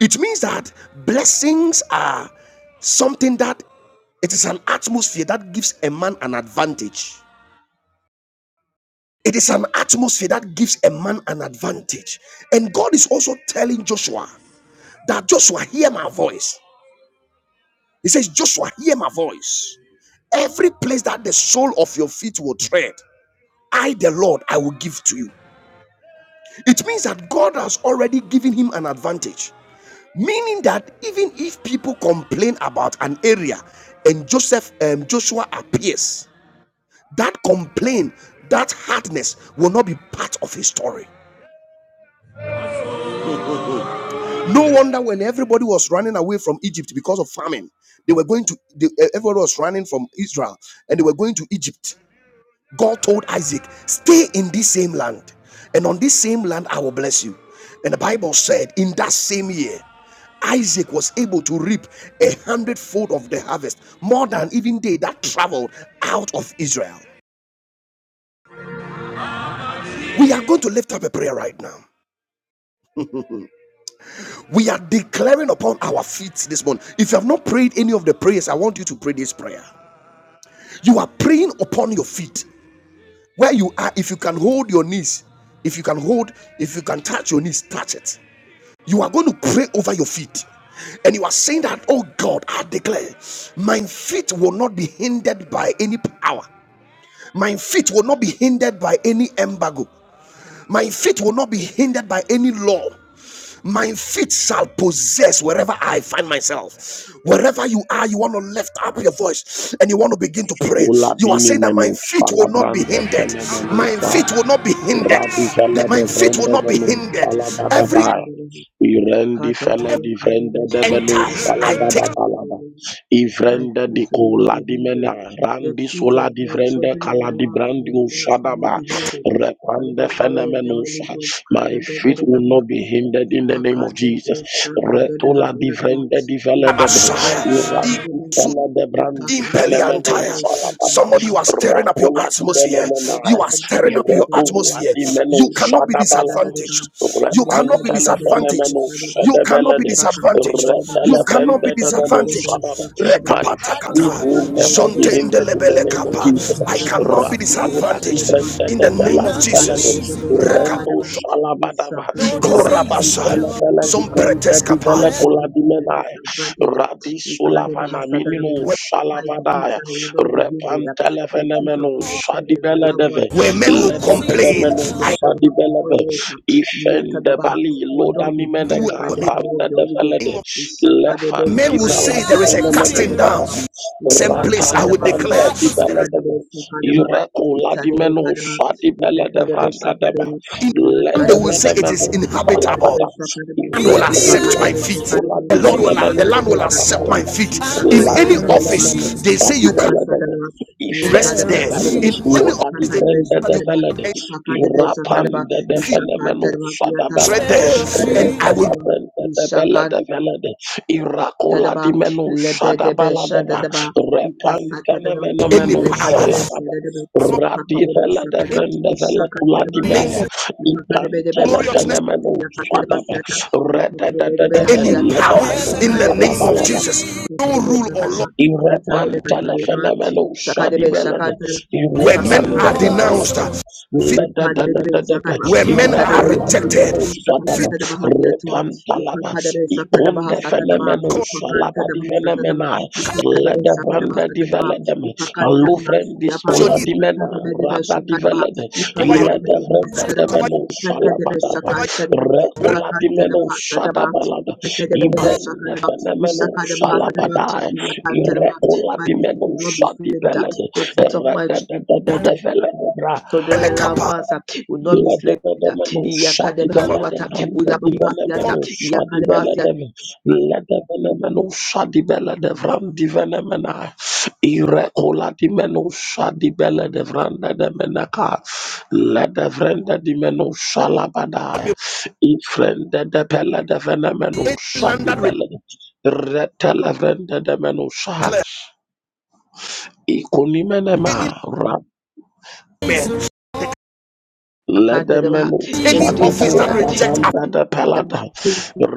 S1: it means that blessings are something that it is an atmosphere that gives a man an advantage. It is an atmosphere that gives a man an advantage. And God is also telling Joshua that Joshua, hear my voice. He says, Joshua, hear my voice. Every place that the sole of your feet will tread, I, the Lord, I will give to you. It means that God has already given him an advantage. meaning that even if people complain about an area and joseph um, joshua appears that complaint that hardness will not be part of his story no wonder when everybody was running away from egypt because of famine they were going to they, everybody was running from israel and they were going to egypt God told Isaac, Stay in this same land, and on this same land I will bless you. And the Bible said, In that same year, Isaac was able to reap a hundredfold of the harvest, more than even they that traveled out of Israel. We are going to lift up a prayer right now. We are declaring upon our feet this morning. If you have not prayed any of the prayers, I want you to pray this prayer. You are praying upon your feet where you are. If you can hold your knees, if you can hold, if you can touch your knees, touch it. You are going to pray over your feet. And you are saying that, oh God, I declare, my feet will not be hindered by any power. My feet will not be hindered by any embargo. My feet will not be hindered by any law. My feet shall possess wherever I find myself. Wherever you are, you want to lift up your voice and you want to begin to pray.
S3: Ula
S1: You are
S3: bini
S1: saying that my
S3: menus,
S1: feet
S3: fala
S1: will not be
S3: brande
S1: hindered.
S3: fene
S1: My
S3: menusa,
S1: feet will not be hindered.
S3: radi fella
S1: That
S3: de
S1: my feet will
S3: vrende
S1: not be
S3: menus,
S1: hindered.
S3: fala
S1: Every
S3: badavai. Irendi fele di vrenda de benu
S1: enter, I
S3: salaba
S1: take.
S3: da balaba.
S2: My
S3: Ivrende di
S2: feet will not
S3: kola
S2: be
S3: di
S2: hindered.
S3: mena.
S2: The
S3: Randi
S2: feet
S3: sola
S2: of
S3: di
S2: my
S3: vrende
S2: children in
S3: kala
S2: my
S3: di
S2: lap
S3: brandi
S2: and my parents will not
S3: usadaba.
S2: be hindered by
S3: Repande
S2: the power of the
S3: phenomenos.
S2: Holy Ghost.
S3: My feet will
S2: Kadabadabadaba.
S3: not be hindered in the name of Jesus. Retola di
S2: Ipakadabesakadabahakadaba.
S3: vrende di vele de be.
S1: Messiah.
S3: Irandi
S2: Ikadabesekadaba.
S1: Izu-
S3: fele de brandi phenomenos
S1: Impeliantaya.
S3: salaba.
S1: Somebody,
S2: Ipakadabedebesakadaba.
S1: you are stirring up your
S3: Rakola
S2: Thank
S3: di
S1: atmosphere. You
S3: benemena.
S1: are stirring up your
S3: Irekola
S1: atmosphere.
S3: di menu
S1: You cannot be
S3: sadaba
S1: disadvantaged. You cannot be
S3: Retantele
S1: disadvantaged.
S3: fenomeno
S1: You cannot be
S3: shadabelede.
S1: disadvantaged.
S3: Retele
S1: You cannot
S3: brende
S1: be
S3: debeno
S1: disadvantaged.
S3: shadaba. My
S1: Rekapata
S3: feet
S1: kata.
S3: will never be hindered in the
S1: Zontendelebele
S3: name of
S1: kapa.
S3: Jesus.
S1: I cannot be
S3: Radiru dadi
S1: disadvantaged.
S3: brende
S1: In the name
S3: debela
S1: of
S3: di velede.
S1: Jesus. Rekap.
S3: Rendo shalabadava. Repantele
S1: Ikorabasa.
S3: vele di
S1: Some
S3: brende
S2: I
S3: di vele
S2: cannot
S1: preteskapa.
S2: be
S3: kula
S2: under
S3: di
S2: the
S3: menai.
S2: disadvantage.
S3: Radi sulavana minimo
S1: Where
S2: My feet,
S3: shalavadaya.
S2: I will not be yielded
S3: Repantele
S2: the truth of
S3: fenomeno
S2: my children, my
S3: shadibele
S2: loved ones,
S3: deve.
S2: uh,
S1: where men will
S2: Jesus,
S3: Ledede
S1: complain.
S2: Yakabaha,
S3: debeno
S1: I
S2: Yakabaha, my
S3: shadibele
S2: followers, uh,
S3: Ifende
S2: Yakabaha,
S3: bali
S2: will
S3: loda
S2: not
S3: ni
S2: be
S1: do
S2: hindered
S1: it
S2: by
S3: meneka
S1: for
S2: the
S1: me.
S2: power of
S3: randa
S2: the
S3: de
S2: Holy Ghost.
S3: felede
S2: Ishakadebe,
S3: lefan
S1: Men
S3: di
S1: will
S3: bela
S1: say
S2: Sakadabaha,
S3: di
S1: there is a
S3: venemene
S1: casting down.
S2: Ikadabaha,
S3: fataba
S1: Same
S3: rata
S1: place I
S3: la
S1: would
S2: Ikakasatadabaha,
S3: vanta
S1: declare
S3: di
S2: It's
S1: there
S3: bela
S1: is
S3: de ve
S2: Sakadabaha,
S3: ireko la di
S2: Itadebe,
S3: meno
S2: Kadabaha,
S3: sa di bela de
S2: Ikakadebe,
S3: vanda de ba
S2: Sakadabaha,
S3: le
S1: and they
S3: de
S2: Ilatadebe,
S1: will say it
S2: Kadabaha,
S3: venemene
S1: is inhabitable.
S2: Ikakadebe,
S3: salabada
S2: Sakadabaha,
S1: The Land will
S3: ireko
S1: accept
S3: la
S1: my
S2: Ipakadebe,
S1: feet.
S3: sola
S2: Sakadabaha,
S3: di
S1: The Lord will
S3: venemene
S1: the land
S2: Ipakadebe,
S1: will
S3: fataba
S1: accept
S3: la
S2: Sakadabaha,
S1: my
S3: da
S1: feet. In
S3: la
S2: Isakadebe,
S3: di
S1: any
S2: Sakadabaha,
S3: venemene
S1: office, they
S3: sa
S1: say
S3: di
S1: you can't
S3: bela
S2: Isakadebe,
S3: de ve
S2: Sakadabaha,
S1: rest
S2: Ilakadaba
S3: ifende
S1: there.
S3: bali
S2: Sakadaba,
S1: In any
S3: loda di
S1: office, they
S2: Ipakadaba
S3: vrende
S1: say that you
S2: Sakadaba,
S3: de
S1: can't enter
S2: Ipakadaba Sakadaba,
S3: Rapanda de
S1: feet
S3: Fenemenu
S2: Ishakantadaba Siata,
S1: right
S3: Sadabalada,
S1: there. And I will
S2: Ipakadaba
S3: Retalabrenda de Bella
S2: Sakadaba,
S3: de Velade, Iracola di
S2: Tadaba,
S3: Menu
S2: Lebedebe
S3: Sadabalada,
S2: Shadadaba, Ikasatadaba,
S1: be any
S3: Repancanemenomenu
S1: power.
S2: Lekadebe
S3: Salabada,
S2: Shadadaba,
S1: I'm not
S3: Radi
S2: Ipakadebe
S3: Vella de
S1: by any
S2: Shakadaba,
S3: Venda Vella Cula di
S2: Ishakantadaba
S1: name
S3: Maya,
S2: Theatre,
S1: of
S2: Ipakadebe
S3: Ipantele
S2: Sadaba,
S1: gloriousness,
S3: Fenemenu
S2: Yakatadaba
S3: Sadaba,
S2: Theatre,
S3: Reda de
S2: Ipakadebe
S1: any
S2: Theatre,
S3: Vella de
S1: power
S3: Menu
S1: in the
S2: Ipakadebe
S1: name of
S2: Shakadaba,
S3: Sadabalada.
S1: Jesus. No
S2: Ipakadebe
S1: rule or law
S2: Shakadaba, Natadebe
S3: Irepanta la
S2: Kadaba,
S3: fenomeno shadi
S2: Shakadebe
S3: belade.
S2: Shakadaba,
S1: where men
S3: Irepanda
S1: are
S2: Ipakadebe
S3: de belade.
S1: denounced, feet
S3: Leda da da da da da.
S2: Lepadadadadadadadadadadadada.
S1: where men are
S3: Irapula
S2: Itadadadadadadadada.
S1: rejected.
S3: fenomeno
S1: Feet
S3: shadaba.
S2: Isakasatadabahasiata.
S3: Repanta la ba. Ikunde
S2: Ipakadadadadadadadadadadada.
S3: fenomeno
S1: cover
S3: shalaba di
S2: Ipakantadabahasatadaba.
S3: fenomena. Leda branda di
S2: Ipakadadadadadadadadadada.
S3: velade me. Alufren di
S2: Ipakantadabahasiapa.
S1: your
S3: skola
S1: knees,
S3: di mena.
S2: Ipakadadadadadadadadadada.
S3: Rada di velade.
S1: cover your
S3: Leda branda
S1: speak
S3: de
S2: Ipakadadadadadadadadada.
S1: over
S3: meno shalaba da ba.
S1: over
S2: Ipakadadadadadadadadada.
S3: Rekola di meno
S2: Ipakantadabahasatadaba.
S3: shadaba la da. Ibrenda
S2: Ipakadadadadadadadadada.
S3: fenomeno shalaba
S2: Isakadabahasatadaba.
S3: da. e.
S2: Iyakantadaba.
S3: Irregular
S2: My foot
S3: pimeno
S2: will not be
S3: di
S2: slipped.
S3: belede.
S2: The foot of my
S3: Erradadadadada velede bra.
S2: children
S1: rebel
S2: and loved
S1: kappa
S2: ones uh, will not be
S3: lede
S2: slain.
S3: de
S2: uh,
S3: meno shadi
S1: upon
S3: belede.
S2: Yakadebahasuata,
S3: Randedi vele
S2: Ulabamahasiata,
S3: meno di
S2: Yakadebahasiata,
S3: belede. Lede vele meno shadi belede. vram di vele mena. Irregular di meno shadi belede. Vrandede de menaka. Lede vrende di meno shalabadaya. de belede vele meno
S1: any land
S3: shadi
S1: that
S3: belede. Retelevende de meno
S1: rejects, any
S3: Ikunimenema ra
S1: man,
S2: Akadadabaha,
S3: ledemenu
S2: the
S1: any office
S2: ditches,
S1: that
S2: uh,
S3: shadabada
S1: rejects,
S3: branda de
S2: the
S3: pelada
S2: people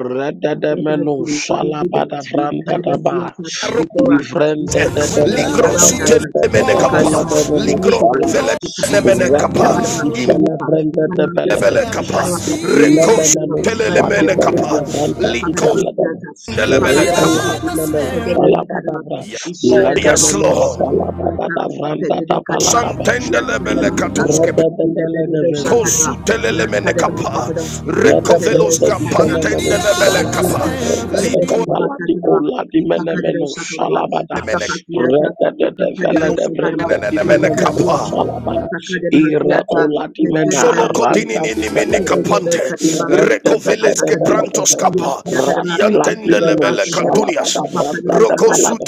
S2: that has been made
S3: shalabada
S2: in
S3: branda de ba
S2: Kadadasiata
S1: appointed.
S2: before us, that
S3: ivrende de de
S2: Ishakantaba
S3: bela
S1: Ligro
S3: de
S2: around us,
S1: sute
S2: that
S3: branda de
S1: lemene
S3: de bela de
S2: Ishakantaba,
S3: menu
S2: we live
S1: ligro
S2: over it,
S3: shalaba
S2: that
S1: vele
S2: Ikakadaba,
S1: lemene
S3: repam
S2: Yakadaba,
S1: im
S3: ifele
S2: Ilipa,
S3: vrende de bela
S2: Ikadabasiata,
S1: vele kappa,
S2: Ikadabasiata,
S1: reko
S3: Lebanon,
S1: sute
S2: Ikadabasiata, by the
S3: Shadi
S2: power
S1: lemene
S2: of the Holy Ghost,
S3: Beladabranta, Ipaladam,
S2: Ikakadabasiata, Ikakadabasiata,
S3: Recolatinaman,
S2: Kadadaba, Kadaba,
S3: Salabadabra,
S1: Yes, Lord.
S2: Ishadakadaba,
S1: Yes,
S3: Ledamanon,
S1: Lord.
S3: Salabadabranta,
S2: Sakatiata,
S3: Tapaladaba,
S2: Yes,
S1: Santendelebele katuske pe-
S3: Redabella Lebanon,
S1: kosutelelemene kapa.
S3: Yada
S1: Rekovelos
S3: brenda di fenomeno
S1: kapantendelebele kapa.
S3: salabati brenda de de
S1: Likolemene
S3: paladi kola di menemeno salabada. Reda de de vela de brenda di
S1: kelunenenemene
S3: fenomeno
S1: kapa.
S3: salabada. Ire kola di mena randa di
S1: Sholokodininimini
S3: vela de.
S1: kapante,
S3: Irenda de de
S1: recoveles
S3: de
S1: que
S3: vela de
S1: prantos
S3: de.
S1: capa,
S3: Radi la di meno
S1: yantendelebele
S3: salabada
S1: cantunias,
S3: randa de palada.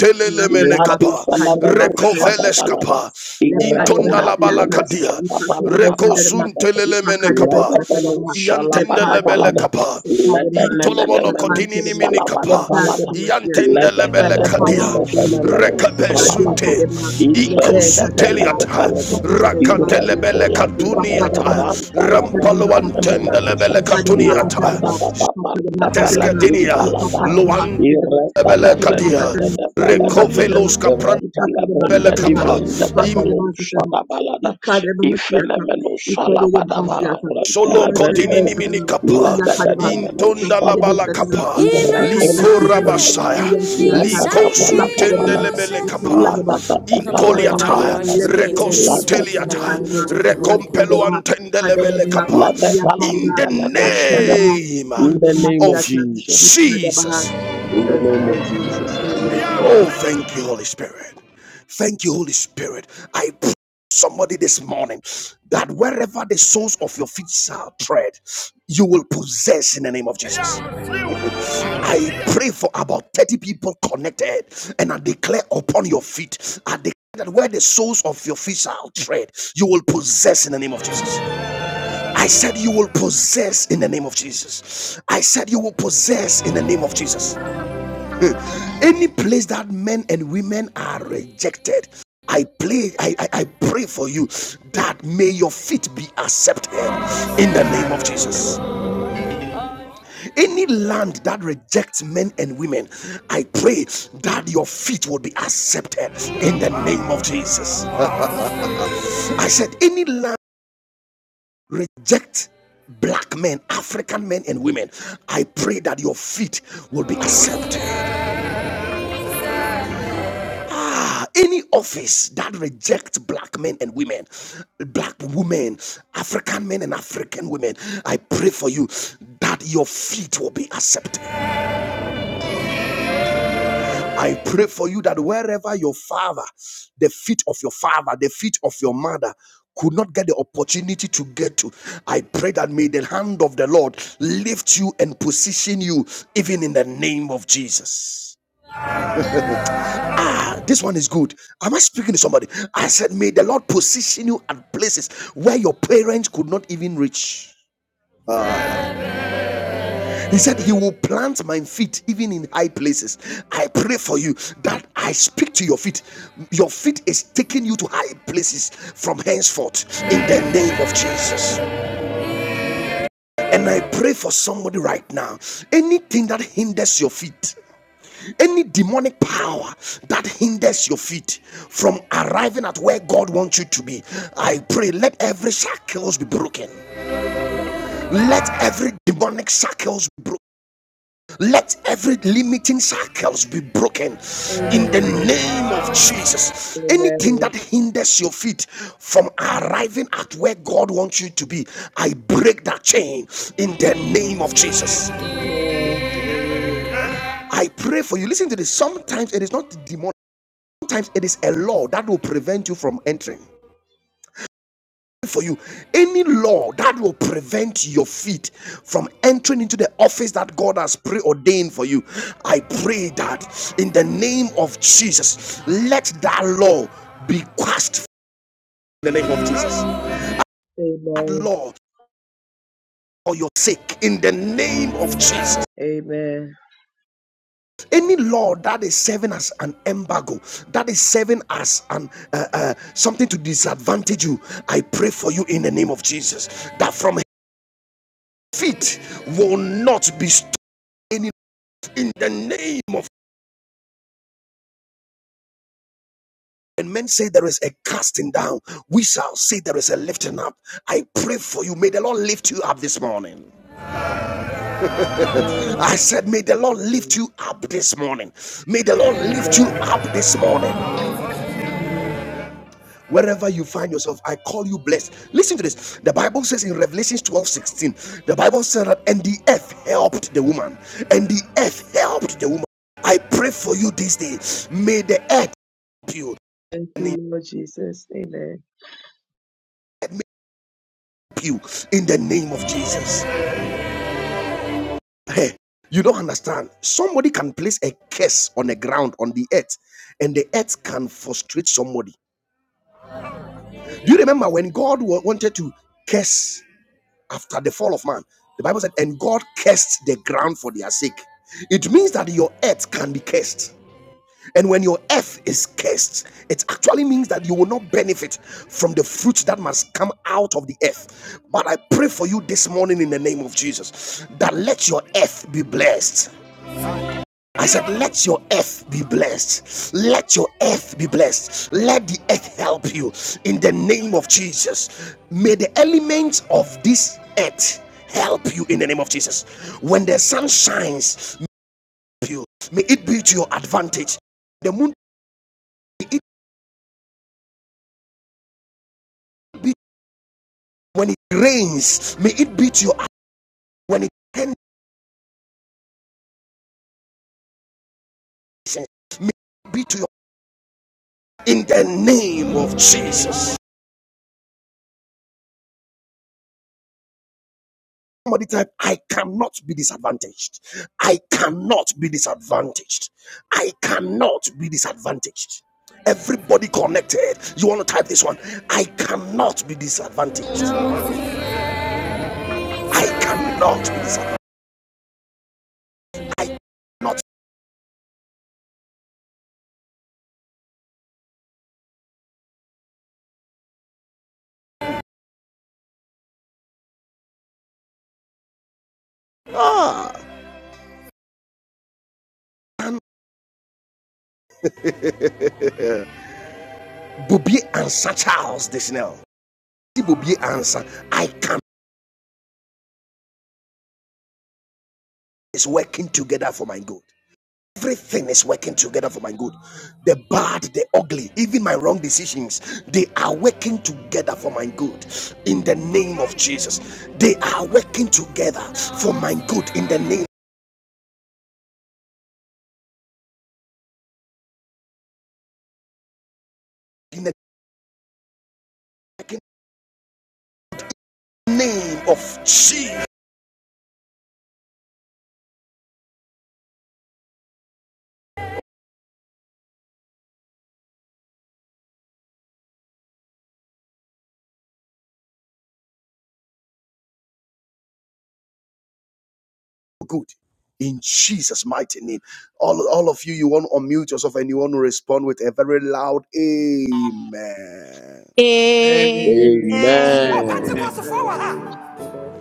S3: La di
S1: capa,
S3: fenomeno sada
S1: recoveles
S3: balada.
S1: capa,
S3: Ire
S1: intonda
S3: cola
S1: la
S3: di
S2: Lepadebehasiata,
S3: meno
S1: balacadia,
S3: sada balada
S2: Ipakadebesatadabha,
S1: recosuntelelelemene
S3: let
S1: capa,
S3: the Lebelemenu
S2: Ipakadebesatadabha,
S3: shalabada
S1: yantendele bele
S3: valada.
S2: Lepadebha,
S1: capa,
S3: Let the
S2: Sekadebha,
S1: Intolomono
S3: Lebelemenu
S1: kotinini
S2: Sekantadabha,
S3: shalabada
S1: minikapa
S3: balada.
S2: Lepadebehasiata.
S1: yantende
S2: By
S1: lebele
S2: the power
S1: kadia
S3: Lebelemenu
S2: of the Holy Ghost,
S3: fenemenu
S1: rekabe
S3: shalabadi.
S1: sute
S2: Shadekadebha,
S1: iko
S3: Even the
S2: Lebesatadabha,
S3: belede
S1: suteliata
S3: falede.
S1: rakate
S2: Ipakadebehasiata,
S3: Irento
S1: lebele
S3: ladimene
S1: katuniata
S2: Ipakadebha,
S3: ranta
S2: Pakadebha,
S3: labranda
S2: Pakadebha,
S1: rampalwantende
S3: the sha.
S1: lebele
S2: Pakadebha,
S3: Lada
S1: katuniata
S3: da
S2: Pakadebha,
S3: da da
S2: Pakadebha,
S3: bande
S2: Pakadebha,
S1: teskadinia
S3: felekinda lada.
S1: luan
S2: Ipakadebehasiata,
S3: Ireta
S1: lebele
S3: levrende
S1: kadia
S3: de The belede the
S2: Ipakadebhasatadabha,
S1: rekovelos kapran
S3: Ireta
S1: lebele
S3: the
S2: Ipakadabasotaba,
S1: kapa
S3: divrende de
S1: im.
S2: Ipakadabasotaba,
S3: belu
S2: Ikadabasiata,
S3: Ifenemenu salabadava
S2: Ikadabasiata,
S1: Solo
S3: rentelebrendede
S1: kodinini mini
S2: Ipakadabasotaba,
S1: kapa
S2: Iyakadaba,
S3: ledededemenu
S1: intonda la
S3: salaba
S1: balakapa?
S2: Shakadabasotaba,
S1: kapa
S3: uretola
S1: liko
S2: Ipakadabasotaba,
S3: dibrende
S1: rabashaya
S2: Iyakiata,
S1: liko
S3: latatapa latapa
S2: Ipakadaba,
S1: suntende
S3: lata
S1: lebele kapa Come on,
S2: Ipakadaba,
S3: latatapa
S2: Ipakadaba,
S3: latapa lata
S1: reko
S2: Lepedaba,
S1: to speak
S3: lata
S1: in the suteliata language
S2: Ishakadaba, Lakadaba,
S1: antende lebele
S2: Kadadaba,
S1: kapa
S3: latatala
S2: Iyakadaba,
S1: in the
S3: diveleko
S2: Ratadaba,
S3: salaba.
S1: name
S3: In the name of
S1: of
S2: Kadabasiata,
S3: Jesus.
S2: Ikadabaha.
S1: Jesus
S2: In
S3: In the
S2: Jesus'
S3: name of
S2: name,
S3: Jesus. In the
S2: amen.
S3: name of Jesus.
S1: Oh, thank you, Holy Spirit. Thank you, Holy Spirit. I pray somebody this morning that wherever the soles of your feet shall tread, you will possess in the name of Jesus. I pray for about 30 people connected and I declare upon your feet. I declare that where the soles of your feet shall tread, you will possess in the name of Jesus. I said you will possess in the name of Jesus. I said you will possess in the name of Jesus. Any place that men and women are rejected, I pray, I, I, I pray for you that may your feet be accepted in the name of Jesus. Any land that rejects men and women, I pray that your feet will be accepted in the name of Jesus. I said, any land reject black men, African men and women, I pray that your feet will be accepted. Ah, any office that rejects black men and women, black women, African men and African women, I pray for you that your feet will be accepted. I pray for you that wherever your father, the feet of your father, the feet of your mother, could not get the opportunity to get to. I pray that may the hand of the Lord lift you and position you even in the name of Jesus. Ah, this one is good. Am I speaking to somebody? I said, May the Lord position you at places where your parents could not even reach. He said, He will plant my feet even in high places. I pray for you that I speak to your feet. Your feet is taking you to high places from henceforth in the name of Jesus. And I pray for somebody right now. Anything that hinders your feet, any demonic power that hinders your feet from arriving at where God wants you to be, I pray let every shackles be broken. Let every demonic shackles be broken. Let every limiting shackles be broken in the
S2: Amen.
S1: name of Jesus. Anything
S2: Amen.
S1: that hinders your feet from arriving at where God wants you to be, I break that chain in the name of Jesus.
S2: Amen.
S1: I pray for you. Listen to this. Sometimes it is not demonic Sometimes it is a law that will prevent you from entering. For you, any law that will prevent your feet from entering into the office that God has preordained for you, I pray that in the name of Jesus, let that law be quashed in the name of Jesus. That
S2: Hallelujah.
S1: law for your sake in the name of Jesus.
S2: Amen.
S1: any law that is serving as an embargo that is serving as an uh, uh, something to disadvantage you i pray for you in the name of jesus that from feet will not be stolen in the name of When men say there is a casting down we shall say there is a lifting up i pray for you may the lord lift you up this morning
S2: Amen.
S1: i said may the
S2: Amen.
S1: lord lift
S2: Amen.
S1: you up this morning may the lord lift you
S2: Amen.
S1: up this morning
S2: Amen.
S1: Wherever you find yourself, I call you blessed. Listen to this. The Bible says in Revelation 12 16, the Bible said that, and the earth helped the woman, and the earth helped the woman. I pray for you this day. May the earth help you
S2: Thank
S1: and the
S2: you, Lord Jesus. Amen.
S1: earth help you in the name of Jesus. Hey, you don't understand. Somebody can place a curse on the ground on the earth, and the earth can frustrate somebody. Do you remember when God wanted to curse? after the fall of man. The Bible said, and God cursed the ground for their sake. It means that your earth can be cursed. And when your earth is cursed, it actually means that you will not benefit from the fruit that must come out of the earth. But I pray for you this morning in the name of Jesus that let your earth be blessed. I said, Let your earth be blessed. Let your earth be blessed. Let the earth help you in the name of Jesus. May the elements of this earth help you in the name of Jesus. When the sun shines, may you- may it be to your advantage. The moon, may it be when it rains, may it be to your when it rains, may it be to your in the name of Jesus. Somebody type, I cannot be disadvantaged. I cannot be disadvantaged. I cannot be disadvantaged. Everybody connected. You want to type this one? I cannot be disadvantaged. I cannot be disadvantaged. I cannot. Ah, Bobby answer Charles this now. See Bobby answer. I can It's working together for my good. Everything is working together for my good. The bad, the ugly, even my wrong decisions, they are working together for my good in the name of Jesus. They are working together for my good in the name in the name of Jesus. Good. In Jesus' mighty name. All, all of you, you want to unmute yourself and you want to respond with a very loud amen.
S2: Amen.
S4: Amen.
S5: Amen.
S3: Amen.
S2: Amen.
S6: Amen.
S2: Hallelujah. Amen.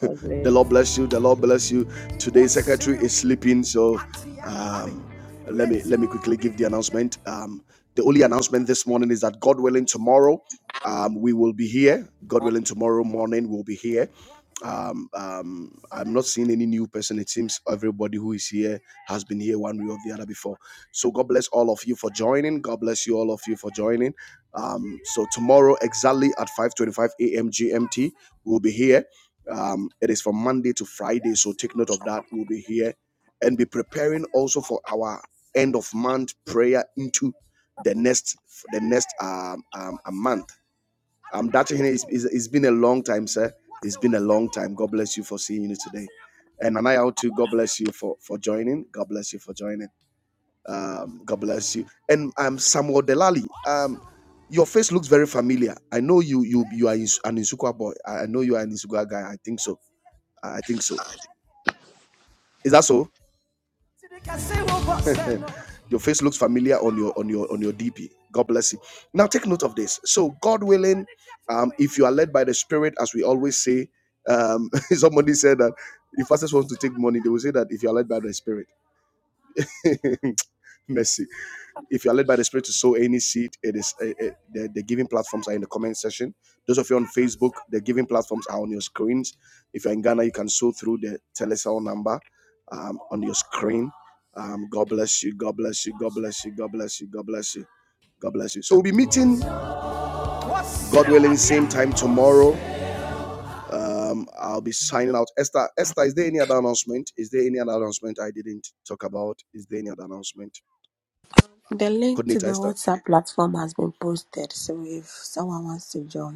S2: God bless.
S1: The Lord bless you. The Lord bless you. Today's secretary is sleeping, so um, let me let me quickly give the announcement. Um, the only announcement this morning is that God willing, tomorrow um, we will be here. God willing, tomorrow morning we'll be here. Um, um, I'm not seeing any new person. It seems everybody who is here has been here one way or the other before. So God bless all of you for joining. God bless you all of you for joining. Um, so tomorrow exactly at 5:25 a.m. GMT we'll be here. Um, it is from Monday to Friday, so take note of that. We'll be here and be preparing also for our end of month prayer into the next the next um, um a month. Um, Dr. Hene, it's, it's it's been a long time, sir. It's been a long time. God bless you for seeing you today. And Nana out too, God bless you for, for joining. God bless you for joining. Um, God bless you. And um, Samuel Delali, um, your face looks very familiar. I know you you you are an Insukwa boy. I I know you are an Insukwa guy. I think so. I think so. Is that so? Your face looks familiar on your on your on your DP. God bless you. Now take note of this. So God willing, um, if you are led by the Spirit, as we always say, um, somebody said that if pastors want to take money, they will say that if you are led by the Spirit, mercy. If you are led by the Spirit to sow any seed, it is uh, uh, the, the giving platforms are in the comment section. Those of you on Facebook, the giving platforms are on your screens. If you're in Ghana, you can sow through the telecell number um, on your screen. Um, God bless you. God bless you. God bless you. God bless you. God bless you. God bless you. So we'll be meeting, God willing, same time tomorrow. Um, I'll be signing out. Esther, Esther, is there any other announcement? Is there any other announcement I didn't talk about? Is there any other announcement?
S7: The link to
S1: Coordinator
S7: the
S1: Esther.
S7: WhatsApp platform has been posted, so if someone wants to join.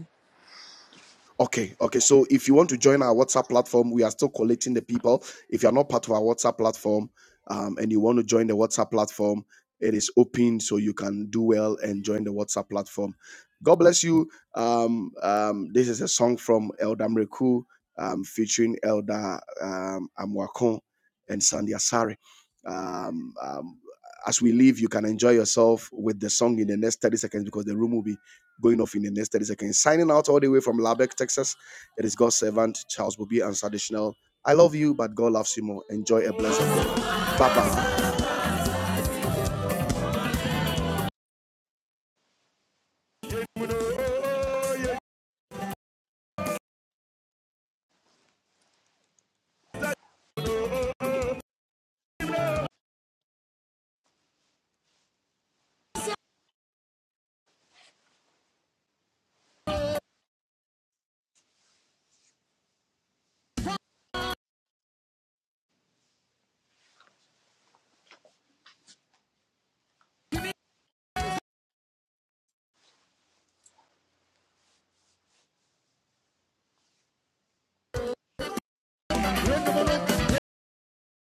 S1: Okay, okay. So if you want to join our WhatsApp platform, we are still collecting the people. If you are not part of our WhatsApp platform um, and you want to join the WhatsApp platform, it is open so you can do well and join the WhatsApp platform. God bless you. Um, um, this is a song from Elder Mreku um, featuring Elder um, Amwakon and Sandy Asare. Um, um, as we leave, you can enjoy yourself with the song in the next 30 seconds because the room will be going off in the next 30 seconds. Signing out all the way from Lubbock, Texas. It is God's servant, Charles Bobby, and traditional. I love you, but God loves you more. Enjoy a blessed day. Bye bye.